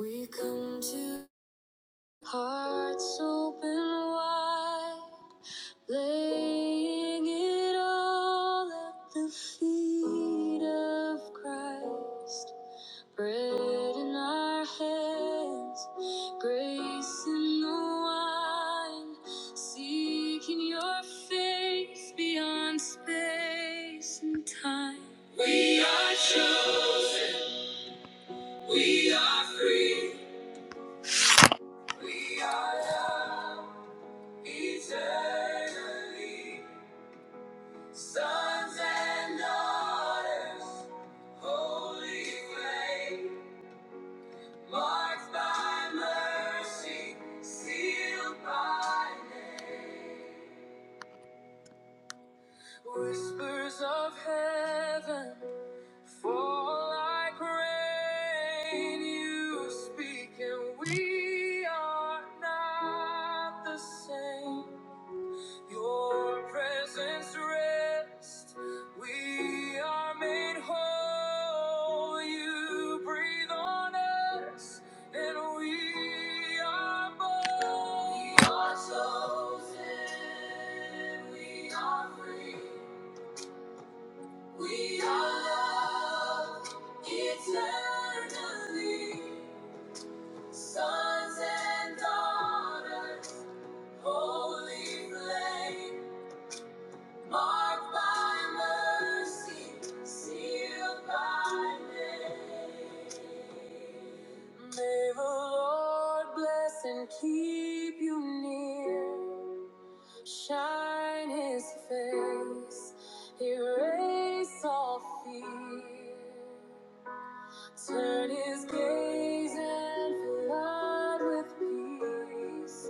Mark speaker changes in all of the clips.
Speaker 1: We come to hearts open wide, laying it all at the feet of Christ. Bread in our hands, grace in the wine, seeking your face beyond space and time. We are free, we are love. Eternally, sons and daughters, holy flame, marked by mercy, sealed by name. Whispers of heaven fall like rain. You speak, and we are not the same. Your presence rest. We are made whole. You breathe on us, and we are born. We are chosen. We are free. We are loved eternally. Sons and daughters, holy flame. Marked by mercy, sealed by name. May the Lord bless and keep you near. Shine his face, erase all fear. Turn his gaze and flood with peace.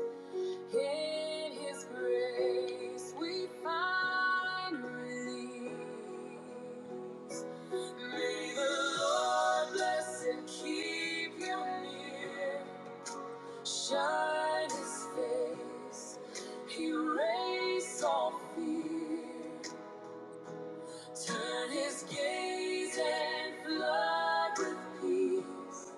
Speaker 1: In His grace we find release. May the Lord bless and keep you near. Shine His face, erase all fear. Turn His gaze and flood with peace.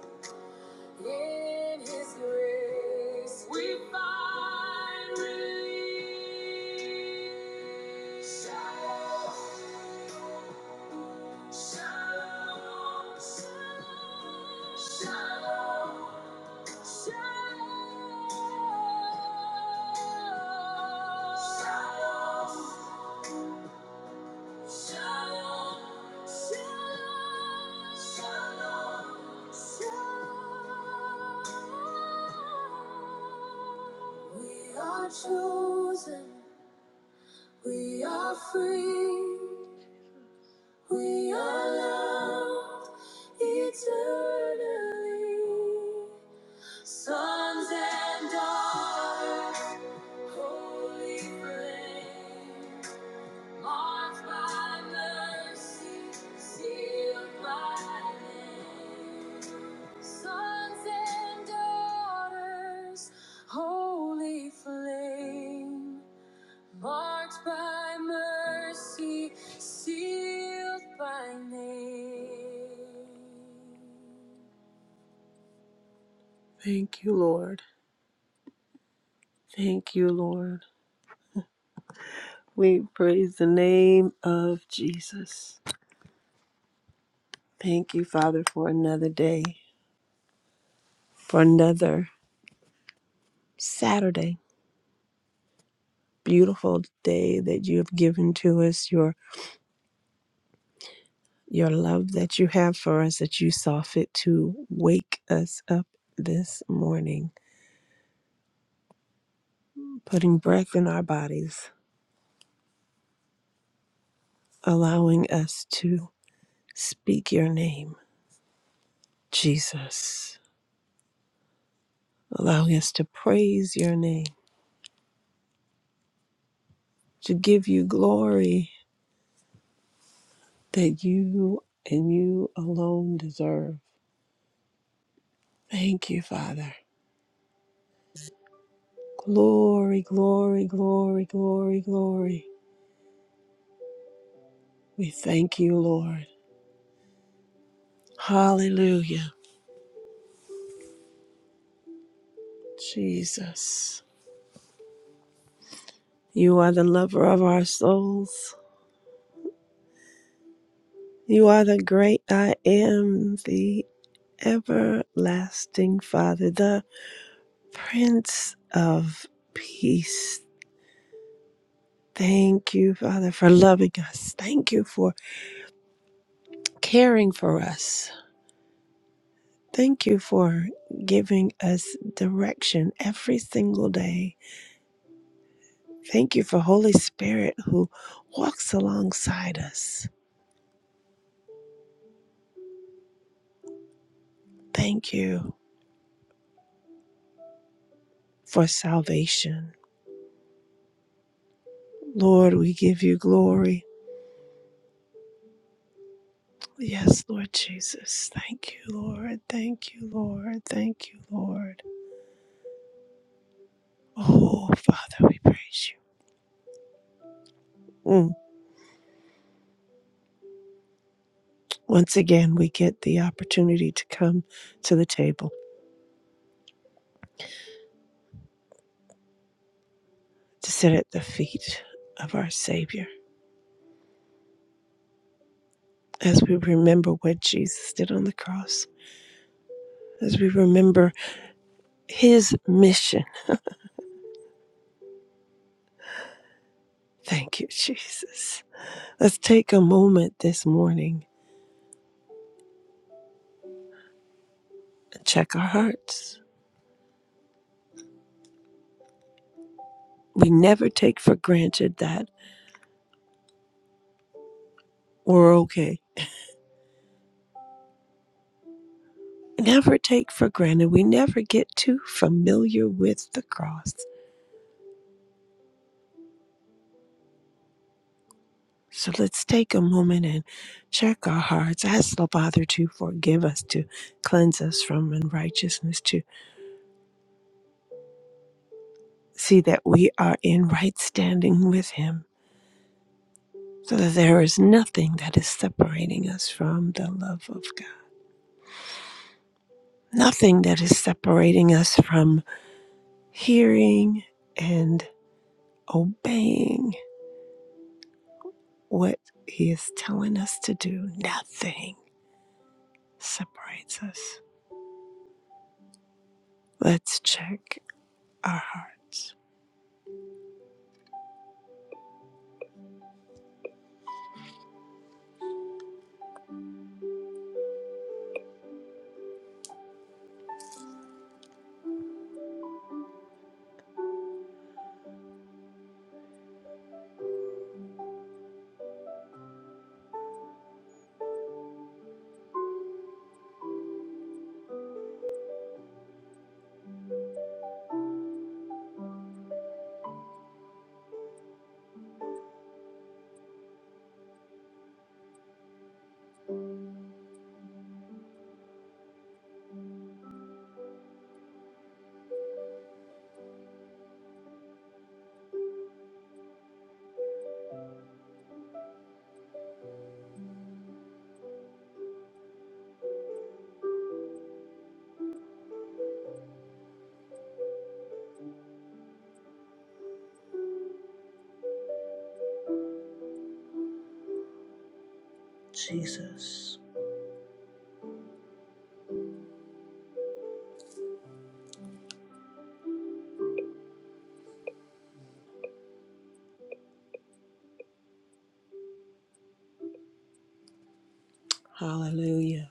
Speaker 1: In His grace, we find relief. Shalom, shalom, shalom, shalom, shalom. Shalom, shalom, shalom, shalom. We are chosen, we are free, we are loved eternally. Sons and daughters, holy flame. Marked by mercy, sealed by name. Sons and daughters, holy flame. Marked by mercy, sealed by name. Thank you, Lord. Thank you, Lord. We praise the name of Jesus. Thank you, Father, for another day, for another Saturday. Beautiful day that you have given to us, your your love that you have for us that you saw fit to wake us up this morning, putting breath in our bodies, allowing us to speak your name, Jesus, allowing us to praise your name, to give you glory that you and you alone deserve. Thank you, Father. Glory, glory, glory, glory, glory. We thank you, Lord. Hallelujah. Jesus, you are the lover of our souls. You are the great I am, the everlasting Father, the Prince of Peace. Thank you, Father, for loving us. Thank you for caring for us. Thank you for giving us direction every single day. Thank you for Holy Spirit who walks alongside us Thank you for salvation. Lord, we give you glory. Yes, Lord Jesus. Thank you, Lord. Thank you, Lord. Thank you, Lord. Oh, Father, we praise you. Mm. Once again, we get the opportunity to come to the table, to sit at the feet of our Savior as we remember what Jesus did on the cross, as we remember his mission. Thank you, Jesus. Let's take a moment this morning check our hearts. We never take for granted that we're okay. Never take for granted. We never get too familiar with the cross. So let's take a moment and check our hearts. Ask the Father to forgive us, to cleanse us from unrighteousness, to see that we are in right standing with Him, so that there is nothing that is separating us from the love of God, nothing that is separating us from hearing. and. obeying what He is telling us to do, nothing separates us. Let's check our heart. Jesus. Hallelujah.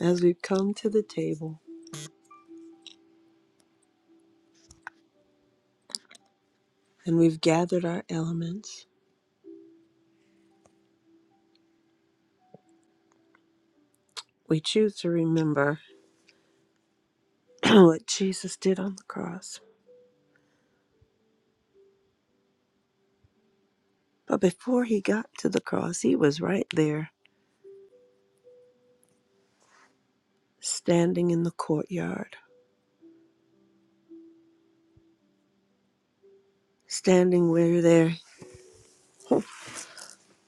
Speaker 1: As we've come to the table and we've gathered our elements, we choose to remember what Jesus did on the cross. But before he got to the cross, he was right there, standing in the courtyard, standing where they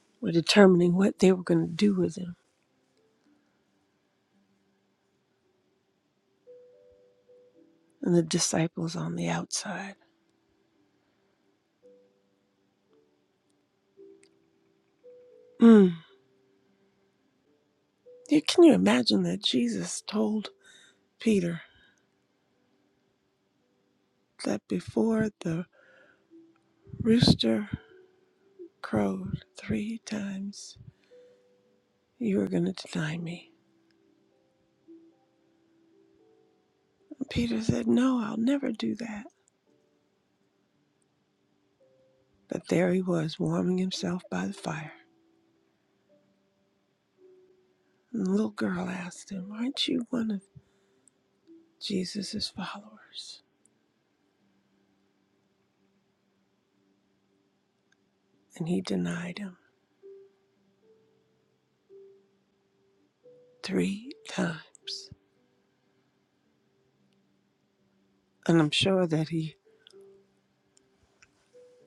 Speaker 1: were determining what they were going to do with him. and the disciples on the outside. Mm. Yeah, Can you imagine that Jesus told Peter that before the rooster crowed three times, you are going to deny me? And Peter said, No, I'll never do that. But there he was, warming himself by the fire. And the little girl asked him, Aren't you one of Jesus' followers? And he denied him three times. And I'm sure that he,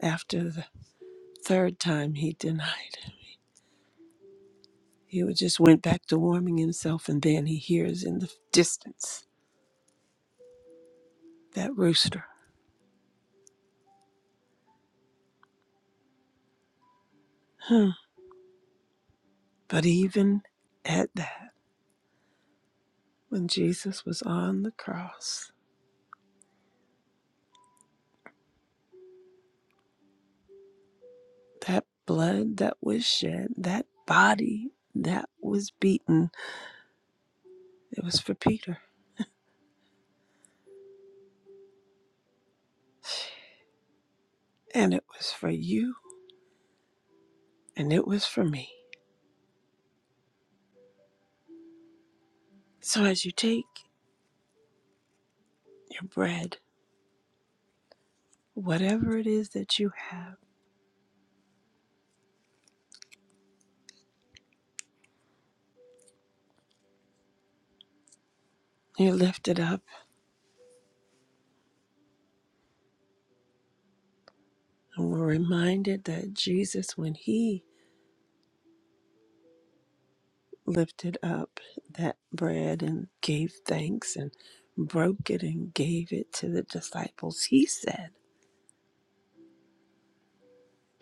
Speaker 1: after the third time, he denied him. He was just went back to warming himself, and then he hears in the distance that rooster. Hmm. But even at that, when Jesus was on the cross, that blood that was shed, that body that was beaten, it was for Peter, and it was for you, and it was for me. So as you take your bread, whatever it is that you have, you lift it up, and we're reminded that Jesus, when he lifted up that bread and gave thanks and broke it and gave it to the disciples, he said,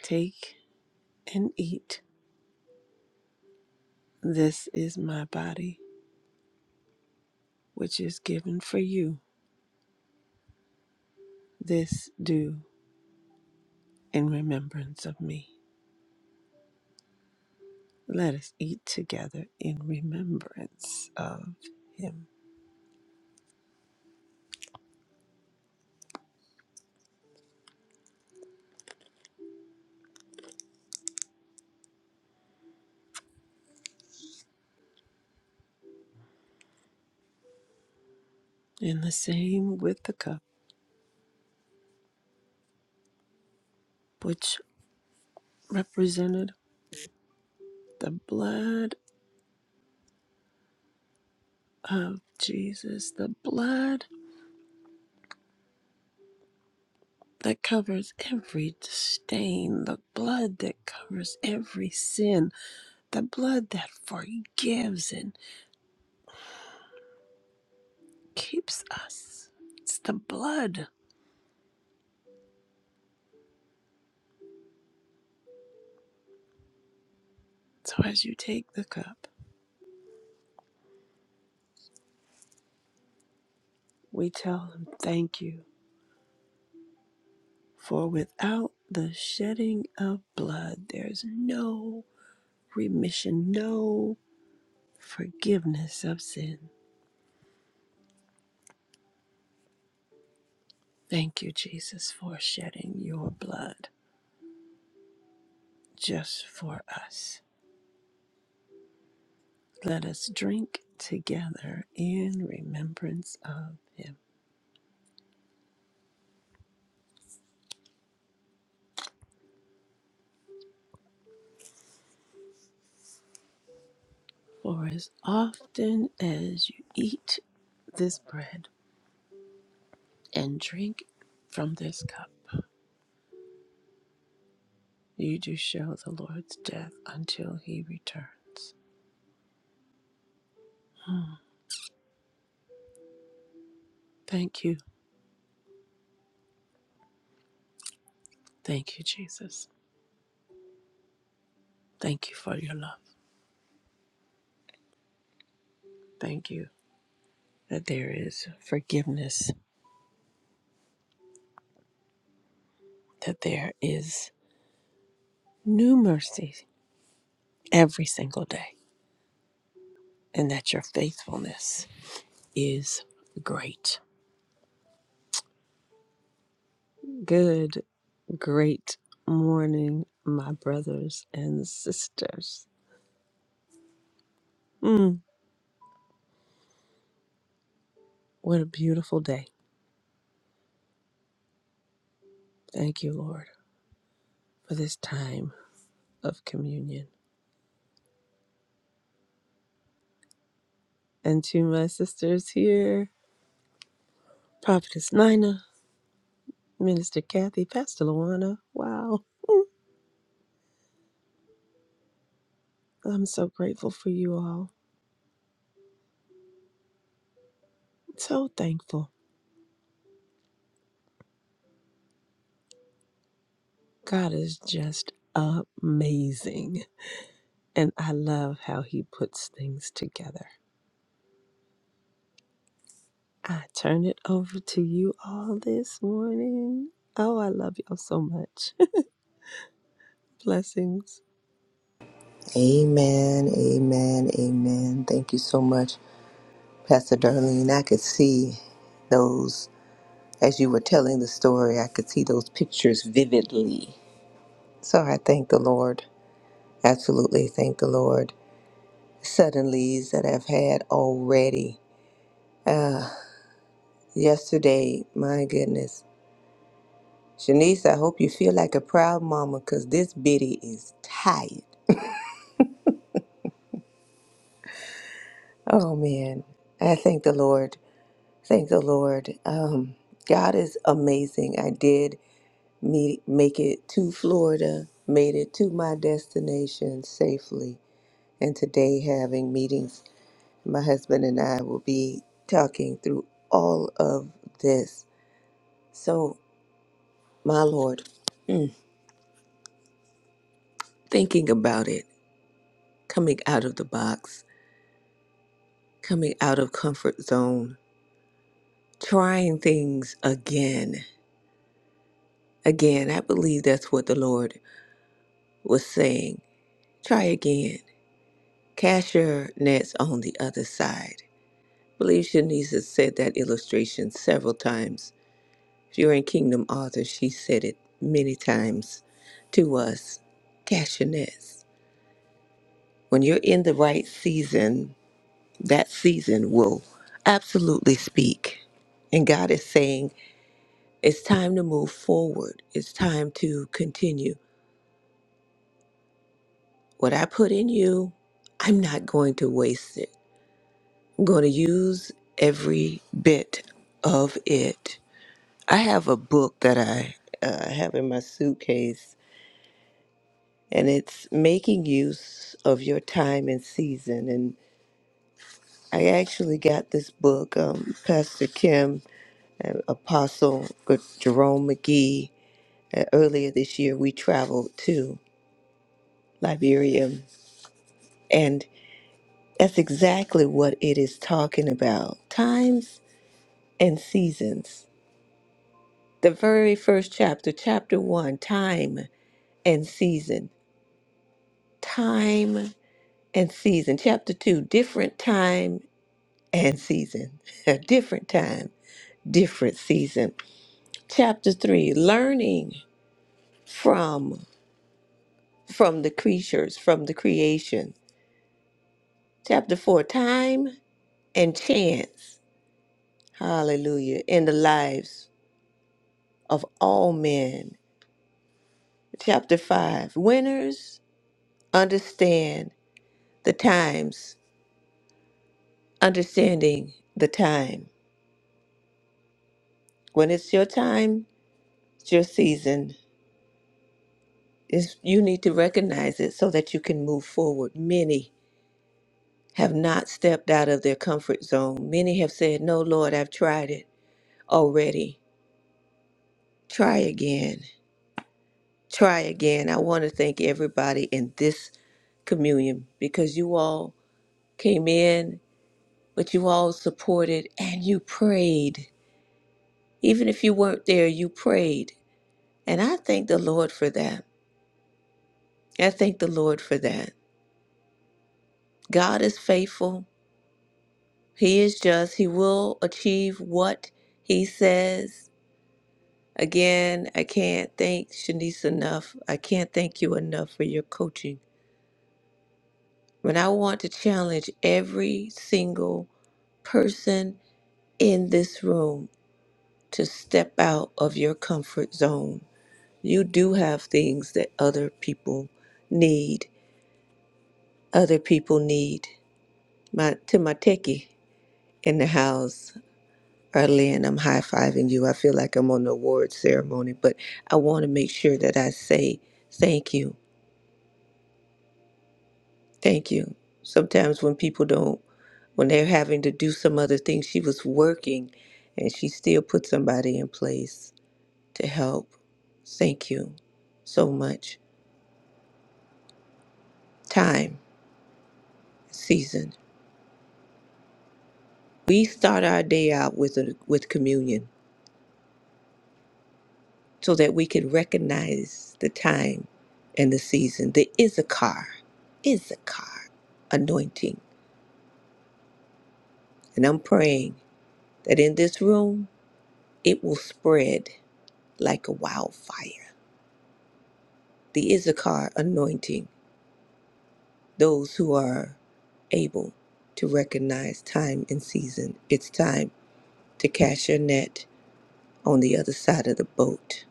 Speaker 1: Take and eat. This is my body, which is given for you. This do in remembrance of me. Let us eat together in remembrance of him. And the same with the cup, which represented the blood of Jesus, the blood that covers every stain, the blood that covers every sin, the blood that forgives and keeps us. It's the blood. So as you take the cup, we tell him, Thank you, for without the shedding of blood, there's no remission, no forgiveness of sin. Thank you, Jesus, for shedding your blood just for us. Let us drink together in remembrance of him. For as often as you eat this bread and drink from this cup, you do show the Lord's death until he returns. Hmm. Thank you. Thank you, Jesus. Thank you for your love. Thank you that there is forgiveness, that there is new mercy every single day, and that your faithfulness is great. Good Great morning, my brothers and sisters. Mm, what a beautiful day. Thank you, Lord, for this time of communion. And to my sisters here, Prophetess Nina, Minister Kathy, Pastor Luana, wow, I'm so grateful for you all. So thankful. God is just amazing. And I love how he puts things together. I turn it over to you all this morning. Oh, I love y'all so much. Blessings.
Speaker 2: Amen, amen, amen. Thank you so much, Pastor Darlene. I could see those, as you were telling the story, I could see those pictures vividly. So I thank the Lord. Absolutely thank the Lord. Suddenlies that I've had already. Uh, yesterday, my goodness. Shanice, I hope you feel like a proud mama because this biddy is tired. Oh man, I thank the Lord Thank the Lord. Um, God is amazing. I did meet, make it to Florida, made it to my destination safely, and today having meetings. My husband and I will be talking through all of this. So, my Lord, mm, thinking about it, coming out of the box, coming out of comfort zone, trying things again. Again, I believe that's what the Lord was saying. Try again Cast your nets on the other side. I believe Shanice has said that illustration several times. If you're in Kingdom Author, she said it many times to us. Cast your nets. When you're in the right season, that season will absolutely speak. And God is saying, it's time to move forward. It's time to continue. What I put in you, I'm not going to waste it. going to use every bit of it. I have a book that I uh, have in my suitcase, and it's Making Use of Your Time and Season. And I actually got this book, um, Pastor Kim, and Apostle Jerome McGee. Uh, earlier this year, we traveled to Liberia, and that's exactly what it is talking about times and seasons the very first chapter, chapter one, time and season. Time and season. Chapter two, different time and season. different time, different season. Chapter three, learning from from the creatures, from the creation. Chapter four, time and chance. Hallelujah. In the lives of all men. Chapter five, winners understand the times understanding the time. When it's your time, it's your season. It's, you need to recognize it so that you can move forward. Many have not stepped out of their comfort zone. Many have said, No, Lord, I've tried it already. Try again. Try again. I want to thank everybody in this communion because you all came in, but you all supported and you prayed. Even if you weren't there, you prayed. And I thank the Lord for that. I thank the Lord for that. God is faithful. He is just. He will achieve what he says. Again, I can't thank Shanice enough. I can't thank you enough for your coaching. But I want to challenge every single person in this room to step out of your comfort zone. You do have things that other people need. Other people need. My to my techie in the house. early and I'm high fiving you. I feel like I'm on the award ceremony, but I want to make sure that I say thank you. Thank you. Sometimes when people don't, when they're having to do some other thing, she was working and she still put somebody in place to help. Thank you so much. Time, season. We start our day out with a, with communion. so that we could recognize the time and the season. the a car, anointing. And I'm praying that in this room, it will spread like a wildfire. The Issachar anointing, those who are able to recognize time and season. It's time to cast your net on the other side of the boat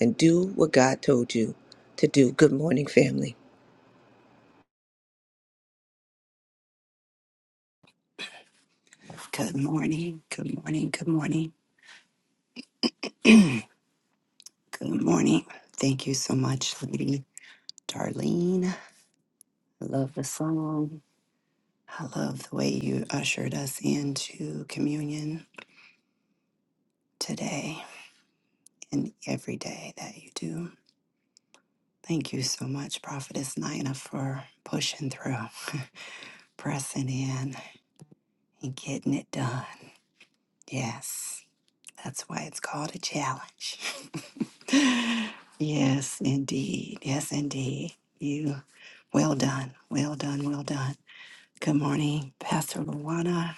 Speaker 2: and do what God told you to do. Good morning, family.
Speaker 3: Good morning. Good morning. Good morning. Good morning. Thank you so much, Lady Darlene. I love the song. I love the way you ushered us into communion today and every day that you do. Thank you so much, Prophetess Nina, for pushing through, pressing in, and getting it done. Yes, that's why it's called a challenge. Yes, indeed. Yes, indeed. You well done. Well done. Well done. Good morning, Pastor Luana.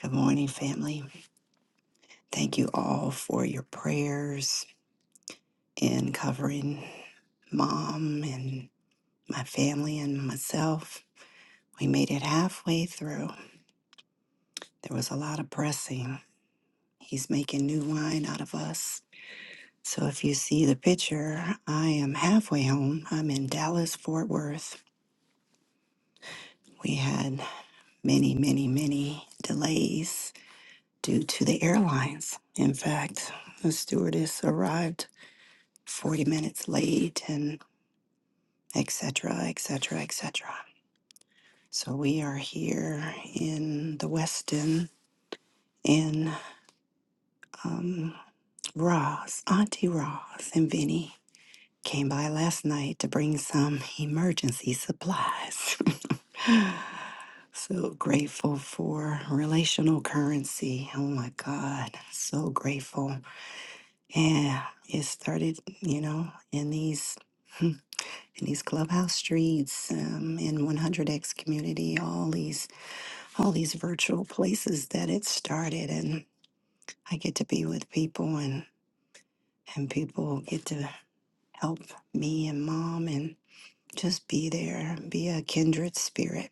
Speaker 3: Good morning, family. Thank you all for your prayers in covering mom and my family and myself. We made it halfway through. There was a lot of pressing. He's making new wine out of us. So if you see the picture, I am halfway home. I'm in Dallas, Fort Worth. We had many, many, many delays due to the airlines. In fact, the stewardess arrived 40 minutes late and et cetera, et cetera, et cetera. So we are here in the Westin in um, Roz. Auntie Roz and Vinny came by last night to bring some emergency supplies. so grateful for relational currency. Oh my God. So grateful Yeah, it started, you know, in these in these clubhouse streets, um, in 100x community, all these all these virtual places that it started, and I get to be with people, and and people get to help me and mom, and just be there, be a kindred spirit.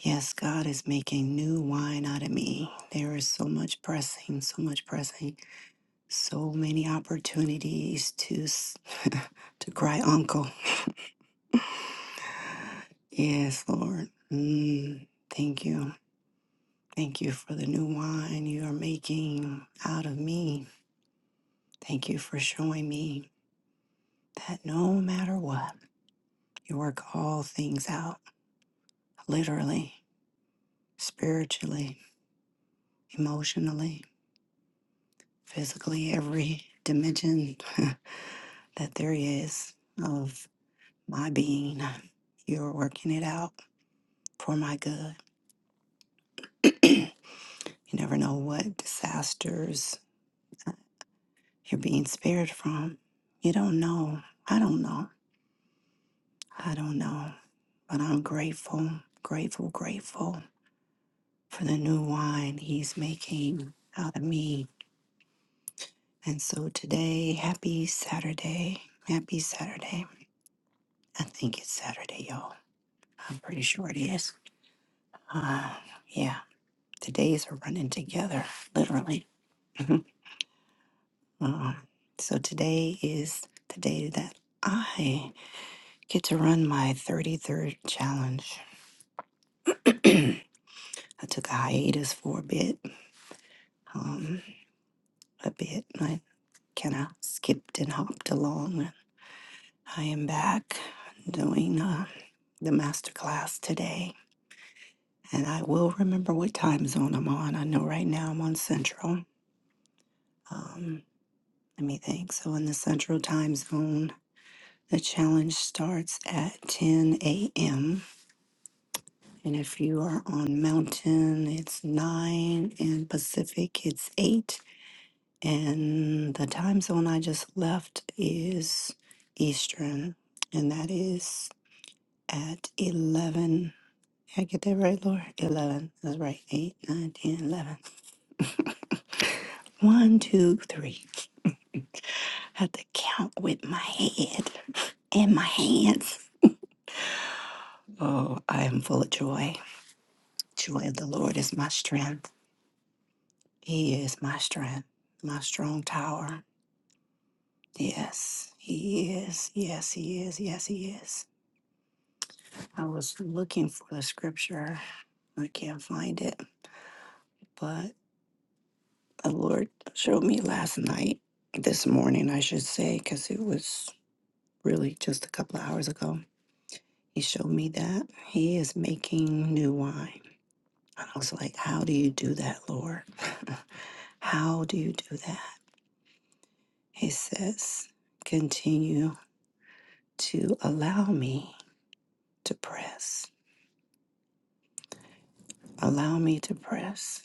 Speaker 3: Yes, God is making new wine out of me. There is so much pressing, so much pressing, so many opportunities to s- to cry uncle Yes, Lord. Mm, thank you. Thank you for the new wine you are making out of me. Thank you for showing me that no matter what, you work all things out literally, spiritually, emotionally, physically, every dimension that there is of my being. You're working it out for my good. You never know what disasters you're being spared from. You don't know. I don't know. I don't know. But I'm grateful, grateful, grateful for the new wine he's making out of me. And so today, happy Saturday. Happy Saturday. I think it's Saturday, y'all. I'm pretty sure it is. Uh, yeah, the days are running together, literally. uh, so today is the day that I get to run my 33rd challenge. I took a hiatus for a bit, um, a bit. I kind of skipped and hopped along. I am back doing uh, the master class today, and I will remember what time zone I'm on. I know right now I'm on Central. Um, let me think. So in the Central time zone, the challenge starts at 10 a.m. And if you are on Mountain, it's 9, and Pacific, it's 8. And the time zone I just left is Eastern, and that is at 11. Did I get that right, Lord. 11. That's right. 8, nine, ten, eleven. One, two, three. 11. Have to count with my head and my hands. Oh, I am full of joy. Joy of the Lord is my strength. He is my strength, my strong tower. Yes, He is. Yes, He is. Yes, He is. I was looking for the scripture. I can't find it, but the Lord showed me last night, this morning, I should say, because it was really just a couple of hours ago. He showed me that He is making new wine. And I was like, How do you do that, Lord? How do you do that? He says, Continue to allow me to press. Allow me to press.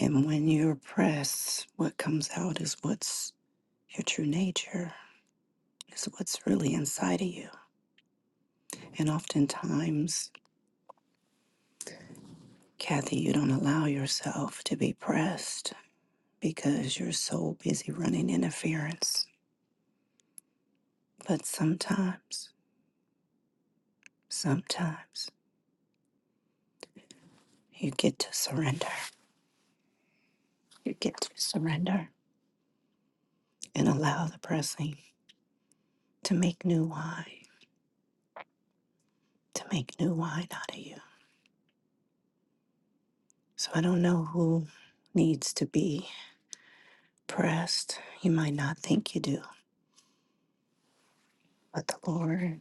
Speaker 3: And when you're pressed, what comes out is what's Your true nature is what's really inside of you. And oftentimes, Kathy, you don't allow yourself to be pressed because you're so busy running interference. But sometimes, sometimes you get to surrender. You get to surrender and allow the pressing to make new wine, to make new wine out of you. So I don't know who needs to be pressed. You might not think you do, but the Lord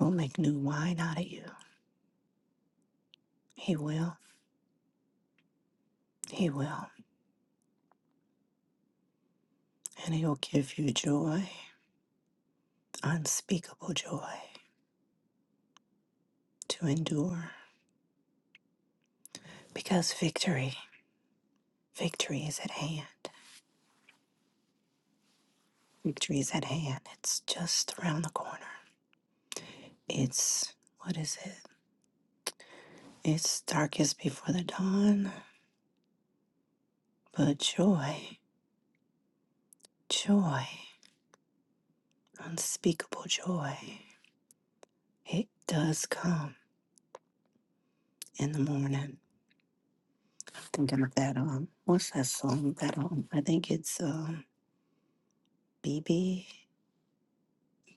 Speaker 3: will make new wine out of you. He will. He will. And He'll give you joy, unspeakable joy to endure. Because victory, victory is at hand. Victory is at hand. It's just around the corner. It's, what is it? It's darkest before the dawn, but joy, joy, unspeakable joy. It does come in the morning. Thinking of that, um, what's that song? That, um, I think it's, um, BB.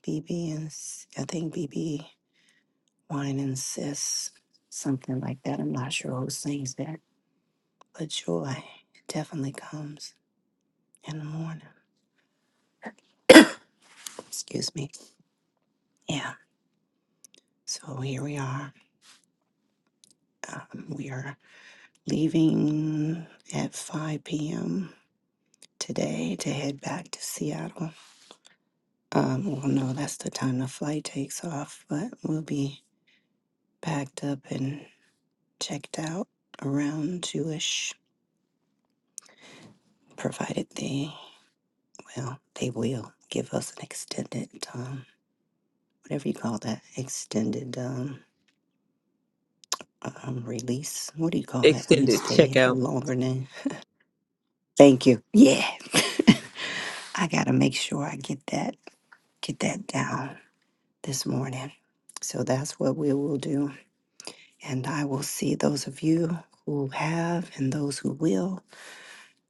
Speaker 3: B B and S- I think B B Wine and Sis, something like that. I'm not sure who sings that, but joy definitely comes in the morning. Excuse me. Yeah. So here we are. Um, we are leaving at 5 p.m. today to head back to Seattle. Um, well, no, that's the time the flight takes off, but we'll be packed up and checked out around two ish, provided the Well, they will give us an extended, um, whatever you call that, extended um, um, release. What do you call that when you
Speaker 2: Extended
Speaker 3: stay
Speaker 2: checkout.
Speaker 3: longer than? Thank you. Yeah, I gotta make sure I get that get that down this morning. So that's what we will do, and I will see those of you who have and those who will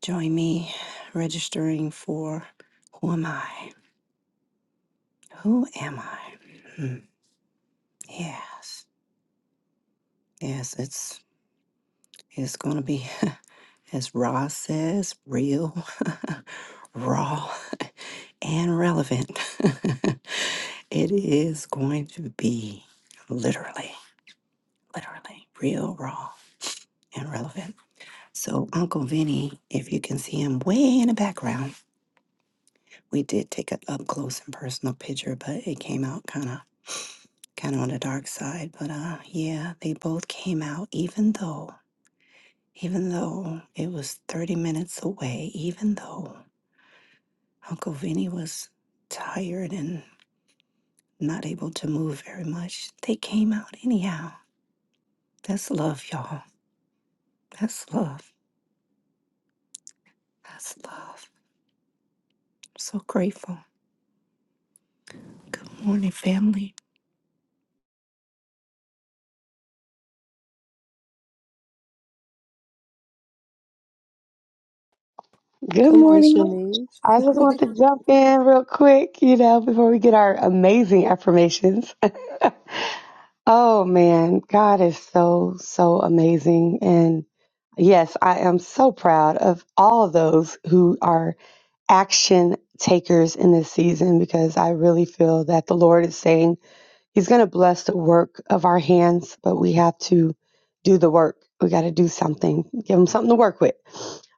Speaker 3: join me registering for who am I? Who am I? Hmm. Yes, yes, it's. It's going to be, as Roz says, real, raw, and relevant. it is going to be literally, literally real, raw, and relevant. So, Uncle Vinny, if you can see him way in the background, we did take an up close and personal picture, but it came out kind of. Kind of on the dark side, but uh, yeah, they both came out. Even though, even though it was thirty minutes away, even though Uncle Vinny was tired and not able to move very much. They came out anyhow. That's love, y'all. That's love. That's love. I'm so grateful. Good morning, family.
Speaker 4: Good
Speaker 1: Come on,
Speaker 4: morning.
Speaker 1: Shanice.
Speaker 4: I just want to jump in real quick, you know, before we get our amazing affirmations. oh man, God is so, so amazing. And yes, I am so proud of all of those who are action takers in this season because I really feel that the Lord is saying, He's going to bless the work of our hands, but we have to do the work. We got to do something. Give him something to work with.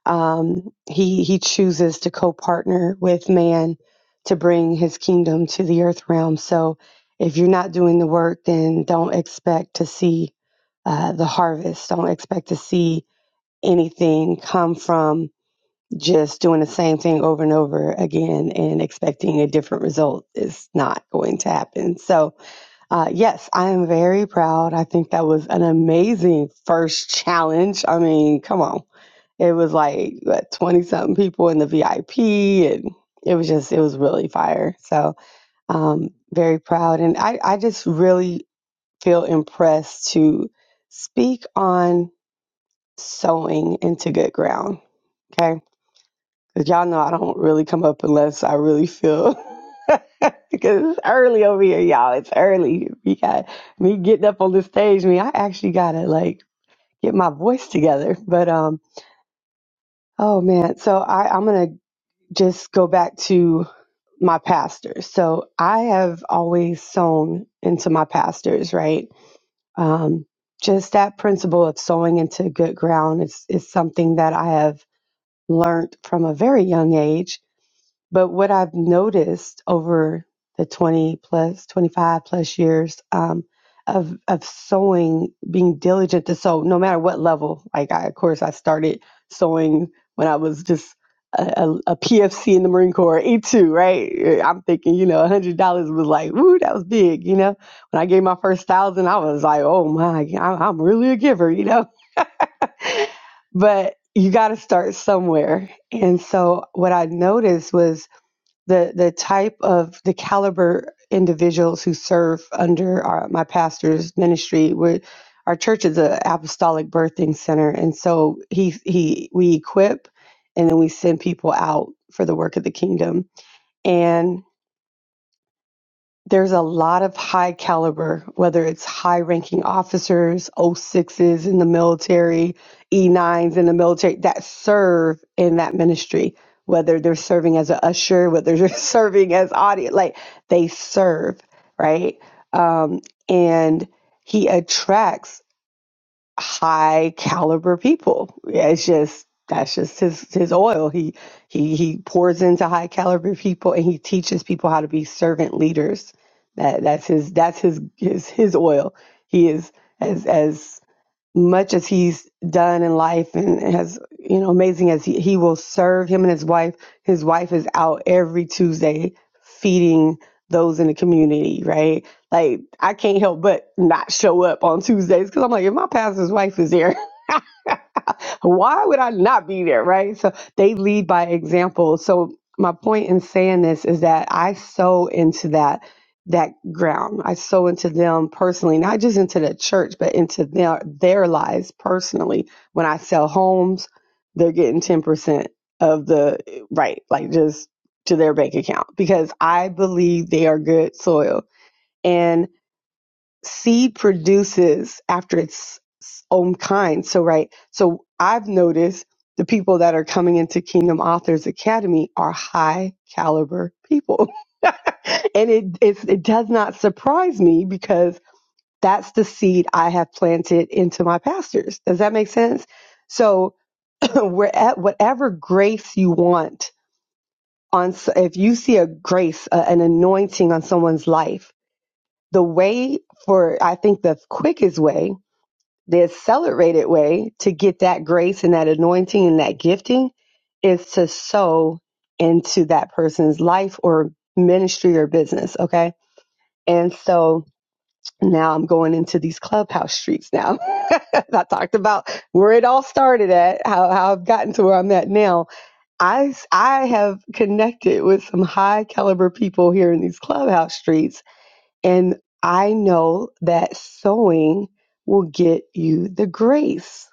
Speaker 4: Um, he he chooses to co-partner with man to bring his kingdom to the earth realm. So if you're not doing the work, then don't expect to see uh, the harvest. Don't expect to see anything come from just doing the same thing over and over again and expecting a different result is not going to happen. So uh, yes, I am very proud. I think that was an amazing first challenge. I mean, come on. It was like, what, 20 something people in the VIP, and it was just, it was really fire. So, um, very proud. And I, I just really feel impressed to speak on sowing into good ground. Okay Cause y'all know I don't really come up unless I really feel. because it's early over here, y'all. It's early. We got me getting up on the stage. Me, I actually gotta like get my voice together. But um, oh man. So I I'm gonna just go back to my pastors. So I have always sown into my pastors, right? Um, just that principle of sowing into good ground is is something that I have learned from a very young age But what I've noticed over the 20 plus, 25 plus years um, of of sewing, being diligent to sew, no matter what level. Like, I, of course, I started sewing when I was just a, PFC in the Marine Corps, E2, right? I'm thinking, you know, $100 was like, woo, that was big, you know? When I gave my first thousand, I was like, oh my, I'm I'm really a giver, you know? But you got to start somewhere. And so what I noticed was, the the type of the caliber individuals who serve under our, my pastor's ministry we our church is an apostolic birthing center and so he he we equip and then we send people out for the work of the kingdom and there's a lot of high caliber, whether it's high ranking officers, O6s in the military, E9s in the military that serve in that ministry, whether they're serving as an usher, whether they're serving as audience, like they serve, right? Um, and he attracts high caliber people. Yeah, It's just that's just his his oil. He he he pours into high caliber people and he teaches people how to be servant leaders. That that's his that's his his his oil. He is as as much as he's done in life and has you know amazing as he, he will serve him and his wife his wife is out every tuesday feeding those in the community right like i can't help but not show up on tuesdays because i'm like if my pastor's wife is there why would I not be there? Right. So they lead by example. So my point in saying this is that I sow into that that ground. I sow into them personally, not just into the church, but into their their lives personally. When I sell homes, they're getting ten percent of the right, like just to their bank account because I believe they are good soil. and seed produces after its own kind. So, right. So, I've noticed the people that are coming into Kingdom Authors Academy are high caliber people. and it, it's, it does not surprise me because that's the seed I have planted into my pastors. Does that make sense? So, we're at whatever grace you want on, s- if you see a grace, a, an anointing on someone's life, the way for, I think the quickest way the accelerated way to get that grace and that anointing and that gifting is to sow into that person's life or ministry or business. Okay. And so now I'm going into these clubhouse streets now. I talked about where it all started at, how, how I've gotten to where I'm at now. I, s- I have connected with some high caliber people here in these clubhouse streets. And I know that sowing will get you the grace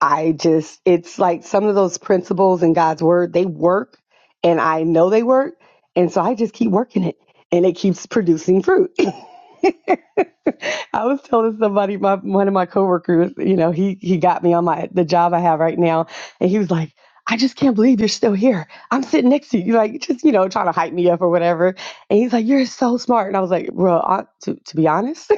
Speaker 4: I just, it's like some of those principles in God's word, they work and I know they work. And so I just keep working it and it keeps producing fruit. I was telling somebody, my, one of my coworkers, you know, he, he got me on my, the job I have right now. And he was like, I just can't believe you're still here. I'm sitting next to you, like just, you know, trying to hype me up or whatever. And he's like, you're so smart. And I was like, bro, uh, to, to be honest,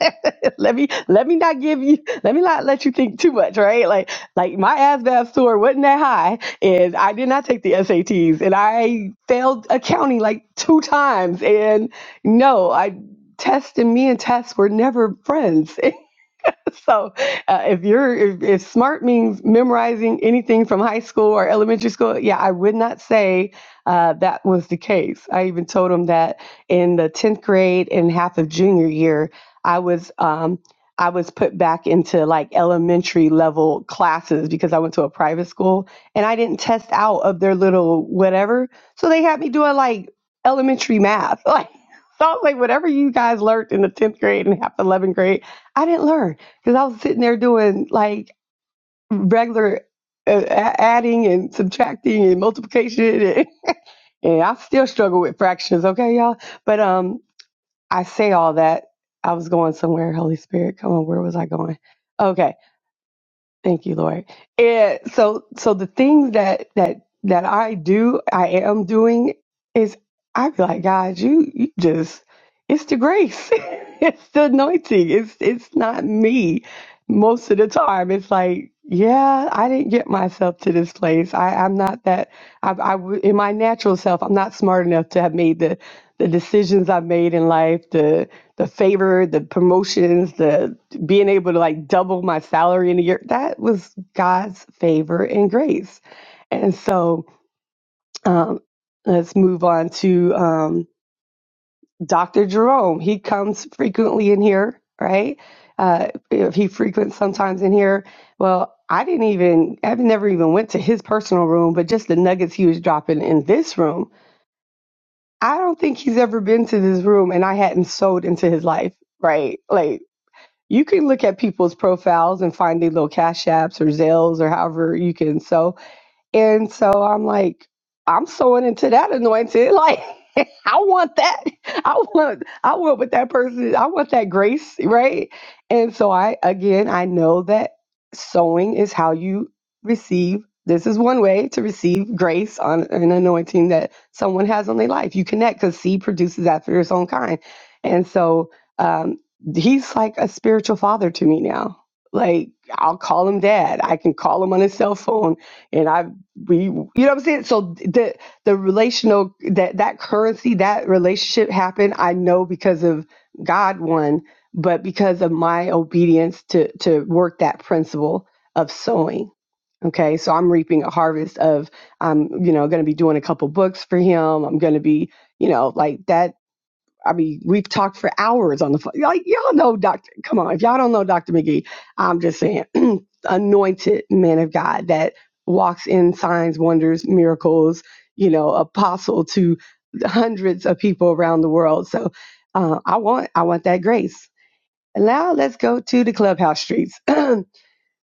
Speaker 4: let me let me not give you let me not let you think too much, right? Like like my ASVAB score wasn't that high, and I did not take the SATs, and I failed accounting like two times, and no, I tests and me and tests were never friends, so uh, if you're if, if smart means memorizing anything from high school or elementary school yeah i would not say uh, that was the case i even told him that in the 10th grade and half of junior year i was um, i was put back into like elementary level classes because i went to a private school and i didn't test out of their little whatever so they had me doing like elementary math like so I was like whatever you guys learned in the 10th grade and half 11th grade i didn't learn because I was sitting there doing like regular uh, a- adding and subtracting and multiplication, and, and I still struggle with fractions. Okay, y'all, but um, I say all that. I was going somewhere. Holy Spirit, come on, where was I going? Okay, Thank you, Lord. And so, so the things that that that I do, I am doing is I be like, God, you, you just, it's the grace, it's the anointing, it's it's not me. Most of the time, it's like, yeah, I didn't get myself to this place. I, I'm not that. I, I w- in my natural self, I'm not smart enough to have made the the decisions I've made in life, the favor, the promotions, the being able to like double my salary in a year. That was God's favor and grace. And so um, let's move on to um, Dr. Jerome. He comes frequently in here, right? Uh, if he frequents sometimes in here. Well, I didn't even, I've never even went to his personal room, but just the nuggets he was dropping in this room. I don't think he's ever been to this room and I hadn't sold into his life, right? Like, You can look at people's profiles and find their little cash apps or Zelles or however you can So. And so I'm like, I'm sewing into that anointing. Like, I want that. I want, I want what that person is. I want that grace, right? And so I, again, I know that sewing is how you receive. This is one way to receive grace on an anointing that someone has on their life. You connect because seed produces after its own kind. And so um, he's like a spiritual father to me now. Like, I'll call him dad. I can call him on his cell phone. and I've we you know what I'm saying? So the the relational that that currency, that relationship happened, I know because of God one, but because of my obedience to to work that principle of sowing. Okay. So I'm reaping a harvest of I'm, you know, gonna be doing a couple books for him. I'm gonna be, you know, like that I mean, we've talked for hours on the phone. Y'all, y'all know Dr. Come on, if y'all don't know Dr. McGee, I'm just saying, anointed man of God that walks in signs, wonders, miracles, you know, apostle to hundreds of people around the world. So uh, I want I want that grace. And now let's go to the clubhouse streets.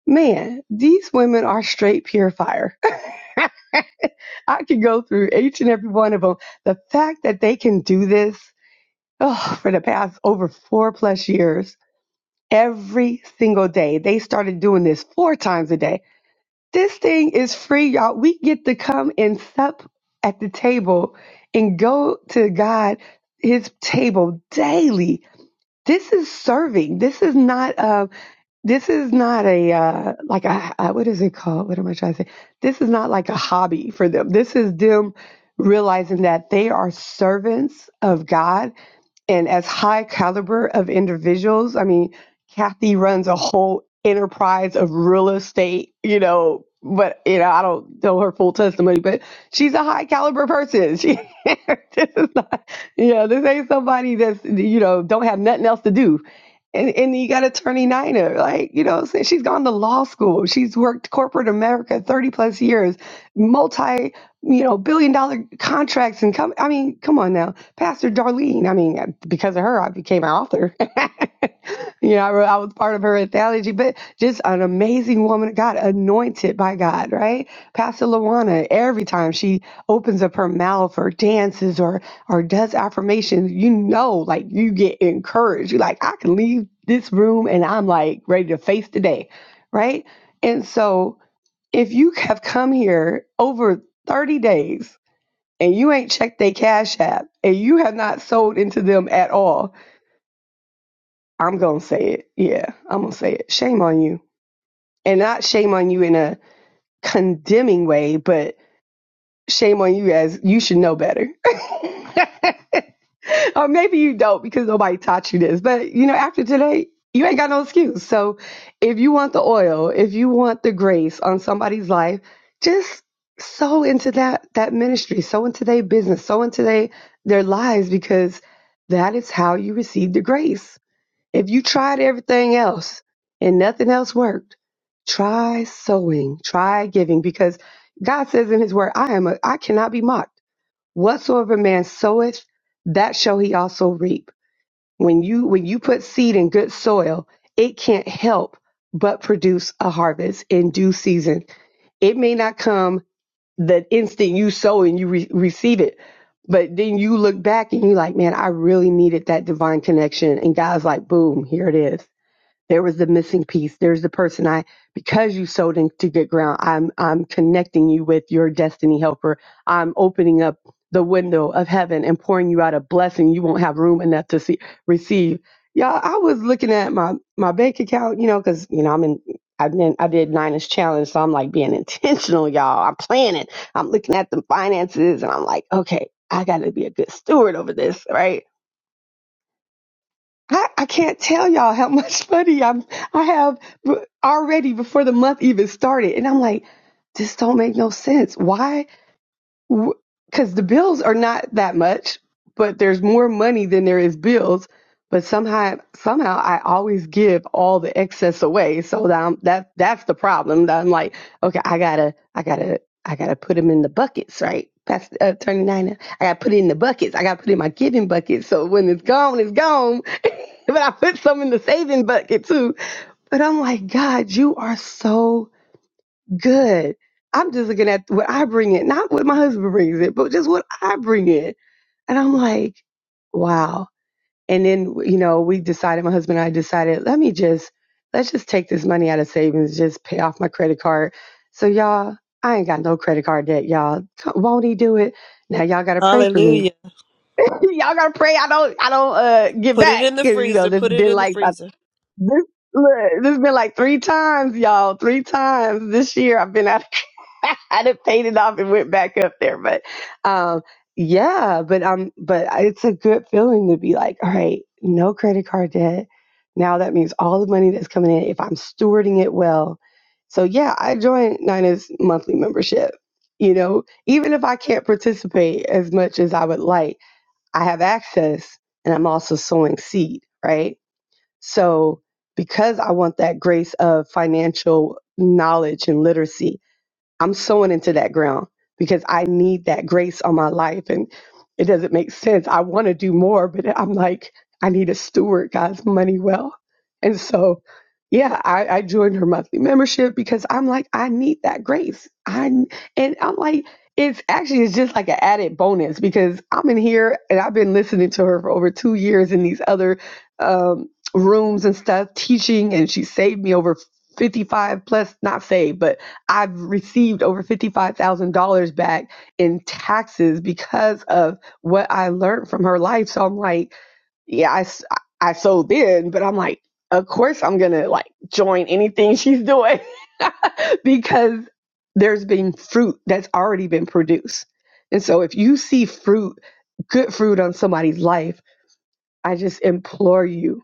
Speaker 4: Man, these women are straight pure fire. I could go through each and every one of them. The fact that they can do this oh, for the past over four plus years, every single day. They started doing this four times a day. This thing is free, y'all. We get to come and sup at the table and go to God, His table daily. This is serving. This is not uh, this is not a uh, like a, a what is it called? What am I trying to say? This is not like a hobby for them. This is them realizing that they are servants of God and as high caliber of individuals. I mean, Kathy runs a whole enterprise of real estate, you know, but you know, I don't know her full testimony, but she's a high caliber person. She this is not, you know, this ain't somebody that's you know, don't have nothing else to do. And and you got attorney Niner, like, you know, so she's gone to law school. She's worked corporate America 30 plus years, multi you know, billion dollar contracts and come. I mean, come on now, Pastor Darlene. I mean, uh, because of her, I became an author. you know, I, wrote, I was part of her anthology, but just an amazing woman of God, anointed by God, right? Pastor Lawana, every time she opens up her mouth or dances or or does affirmations, you know, like you get encouraged. You're like, I can leave this room and I'm like ready to face the day, right? And so if you have come here over 30 days and you ain't checked their cash app and you have not sold into them at all, I'm going to say it. Yeah, I'm going to say it. Shame on you. And not shame on you in a condemning way, but shame on you as you should know better. or maybe you don't because nobody taught you this. But you know, after today, you ain't got no excuse. So if you want the oil, if you want the grace on somebody's life, just sow into that that ministry, sow into their business, sow into their their lives because that is how you receive the grace. If you tried everything else and nothing else worked, try sowing, try giving because God says in his word, I am a I cannot be mocked whatsoever man soweth that shall he also reap when you when you put seed in good soil it can't help but produce a harvest in due season it may not come the instant you sow and you re- receive it but then you look back and you're like man i really needed that divine connection and god's like boom here it is there was the missing piece. There's the person I, because you sowed into good ground, I'm, I'm connecting you with your destiny helper. I'm opening up the window of heaven and pouring you out a blessing you won't have room enough to see, receive. Y'all, I was looking at my, my bank account, you know, cause you know, I'm in, I've been, I did nine inch challenge. So I'm like being intentional, y'all. I'm planning. I'm looking at the finances and I'm like, okay, I gotta be a good steward over this, right? I, I can't tell y'all how much money I'm I have already before the month even started, and I'm like, this don't make no sense. Why? Because the bills are not that much, but there's more money than there is bills. But somehow, somehow, I always give all the excess away. So that I'm, that that's the problem. That I'm like, okay, I gotta, I gotta, I gotta put them in the buckets, right? Past uh, Attorney Nina, I gotta put it in the buckets. I gotta put it in my giving bucket. So when it's gone, it's gone but I put some in the saving bucket too. But I'm like, God, you are so good. I'm just looking at what I bring in, not what my husband brings it, but just what I bring in. And I'm like, wow. And then, you know, we decided, my husband and I decided, let me just, let's just take this money out of savings, just pay off my credit card. So y'all, I ain't got no credit card debt, y'all. Won't he do it? Now y'all gotta pray for me.
Speaker 1: Hallelujah.
Speaker 4: y'all gotta pray I don't, I don't, uh, get
Speaker 1: Put it
Speaker 4: back.
Speaker 1: in the
Speaker 4: Cause, you know,
Speaker 1: freezer.
Speaker 4: it's
Speaker 1: Put it
Speaker 4: been
Speaker 1: in the
Speaker 4: like about
Speaker 1: freezer.
Speaker 4: this look, this has been like three times, y'all. Three times this year I've been out of I done paid it off and went back up there. But um yeah, but um but it's a good feeling to be like, all right, no credit card debt. Now that means all the money that's coming in, if I'm stewarding it well. So yeah, I joined Nina's monthly membership. You know, even if I can't participate as much as I would like, I have access and I'm also sowing seed, right? So, because I want that grace of financial knowledge and literacy, I'm sowing into that ground because I need that grace on my life. And it doesn't make sense. I want to do more, but I'm like, I need to steward God's money well. And so, yeah, I, I joined her monthly membership because I'm like, I need that grace. I and I'm like, it's actually it's just like an added bonus because I'm in here and I've been listening to her for over two years in these other um, rooms and stuff, teaching, and she saved me over 55 plus, not saved, but I've received over $55,000 back in taxes because of what I learned from her life. So I'm like, yeah, I, s- I sold in, but I'm like, of course I'm going to like join anything she's doing because there's been fruit that's already been produced. And so if you see fruit, good fruit on somebody's life, I just implore you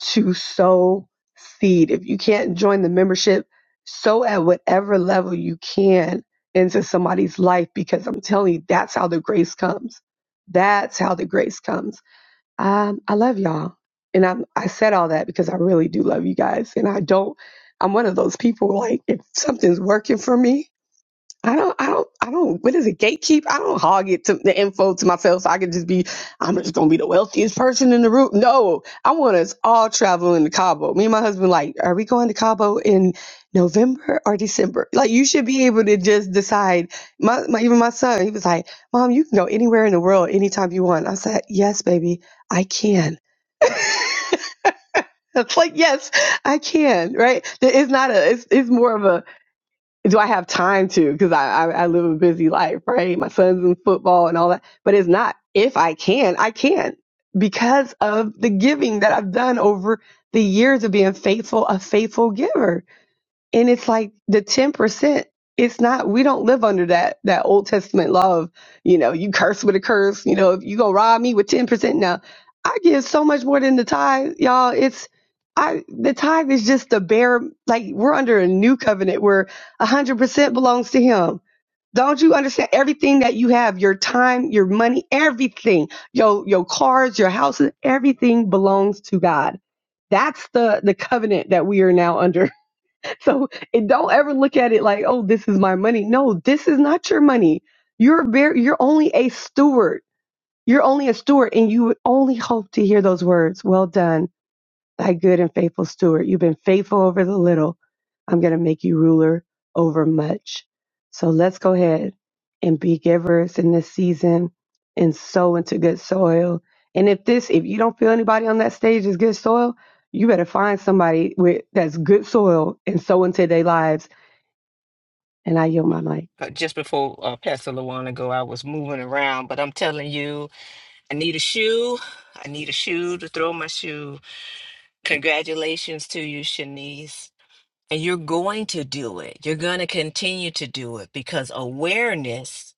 Speaker 4: to sow seed. If you can't join the membership, sow at whatever level you can into somebody's life because I'm telling you, that's how the grace comes. That's how the grace comes. Um, I love y'all. And I'm, I said all that because I really do love you guys. And I don't, I'm one of those people like, if something's working for me, I don't, I don't, I don't, what is it, gatekeep? I don't hog it to the info to myself so I can just be, I'm just going to be the wealthiest person in the room. No, I want us all traveling to Cabo. Me and my husband, like, are we going to Cabo in November or December? Like, you should be able to just decide. My, my, even my son, he was like, Mom, you can go anywhere in the world anytime you want. I said, Yes, baby, I can. It's like, yes, I can, right? It's not a, it's, it's more of a, do I have time to? Because I, I I live a busy life, right? My son's in football and all that. But it's not if I can, I can because of the giving that I've done over the years of being faithful, a faithful giver. And it's like the 10%, it's not, we don't live under that, that Old Testament law of, you know, you curse with a curse, you know, if you gonna rob me with 10%. Now, I give so much more than the tithe, y'all. It's, I, the tithe is just the bare, like we're under a new covenant where 100% belongs to him. Don't you understand everything that you have, your time, your money, everything, your, your cars, your houses, everything belongs to God. That's the, the covenant that we are now under so and don't ever look at it like, oh, this is my money. No, this is not your money. You're very, you're only a steward. You're only a steward, and you would only hope to hear those words. Well done thy good and faithful steward. You've been faithful over the little. I'm going to make you ruler over much. So let's go ahead and be givers in this season and sow into good soil. And if this, if you don't feel anybody on that stage is good soil, you better find somebody with that's good soil and sow into their lives. And I yield my mic.
Speaker 2: uh, just before uh, Pastor Lawana go, I was moving around, but I'm telling you, I need a shoe. I need a shoe to throw my shoe. Congratulations to you, Shanice. And you're going to do it. You're going to continue to do it because awareness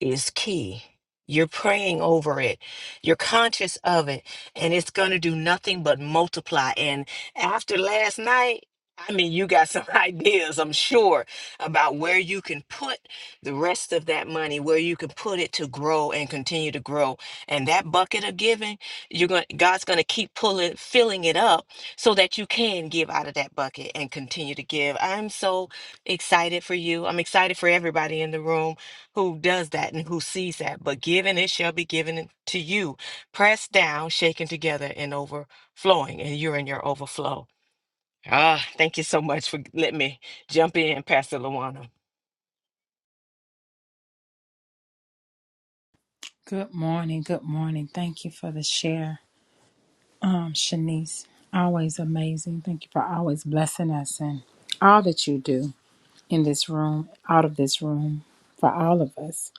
Speaker 2: is key. You're praying over it. You're conscious of it. And it's going to do nothing but multiply. And after last night, I mean, you got some ideas, I'm sure, about where you can put the rest of that money, where you can put it to grow and continue to grow. And that bucket of giving, you're going God's going to keep pulling filling it up so that you can give out of that bucket and continue to give. I'm so excited for you. I'm excited for everybody in the room who does that and who sees that. But given it shall be given to you, pressed down, shaken together, and overflowing, and you're in your overflow. Ah, thank you so much for letting me jump in, Pastor Luana.
Speaker 5: Good morning. Good morning. Thank you for the share, um, Shanice. Always amazing. Thank you for always blessing us and all that you do in this room, out of this room, for all of us.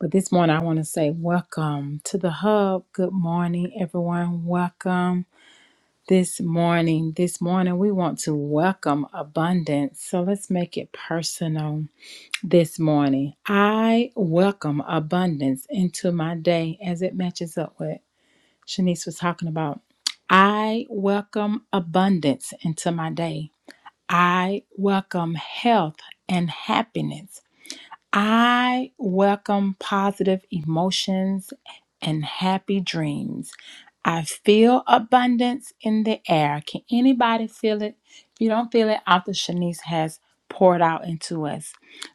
Speaker 5: But this morning, I want to say welcome to the hub. Good morning, everyone. Welcome this morning. This morning, we want to welcome abundance. So let's make it personal this morning. I welcome abundance into my day as it matches up with Shanice was talking about. I welcome abundance into my day. I welcome health and happiness. I welcome positive emotions and happy dreams. I feel abundance in the air. Can anybody feel it? If you don't feel it after Shanice has poured out into us,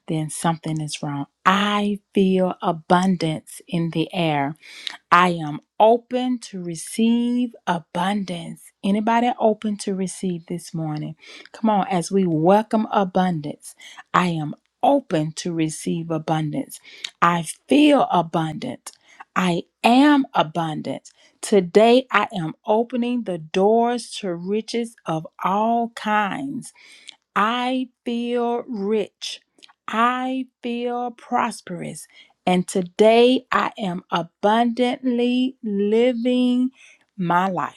Speaker 5: then something is wrong. I feel abundance in the air. I am open to receive abundance. Anybody open to receive this morning? Come on, as we welcome abundance, I am open to receive abundance. I feel abundant. I am abundant. Today, I am opening the doors to riches of all kinds. I feel rich. I feel prosperous. And today I am abundantly living my life.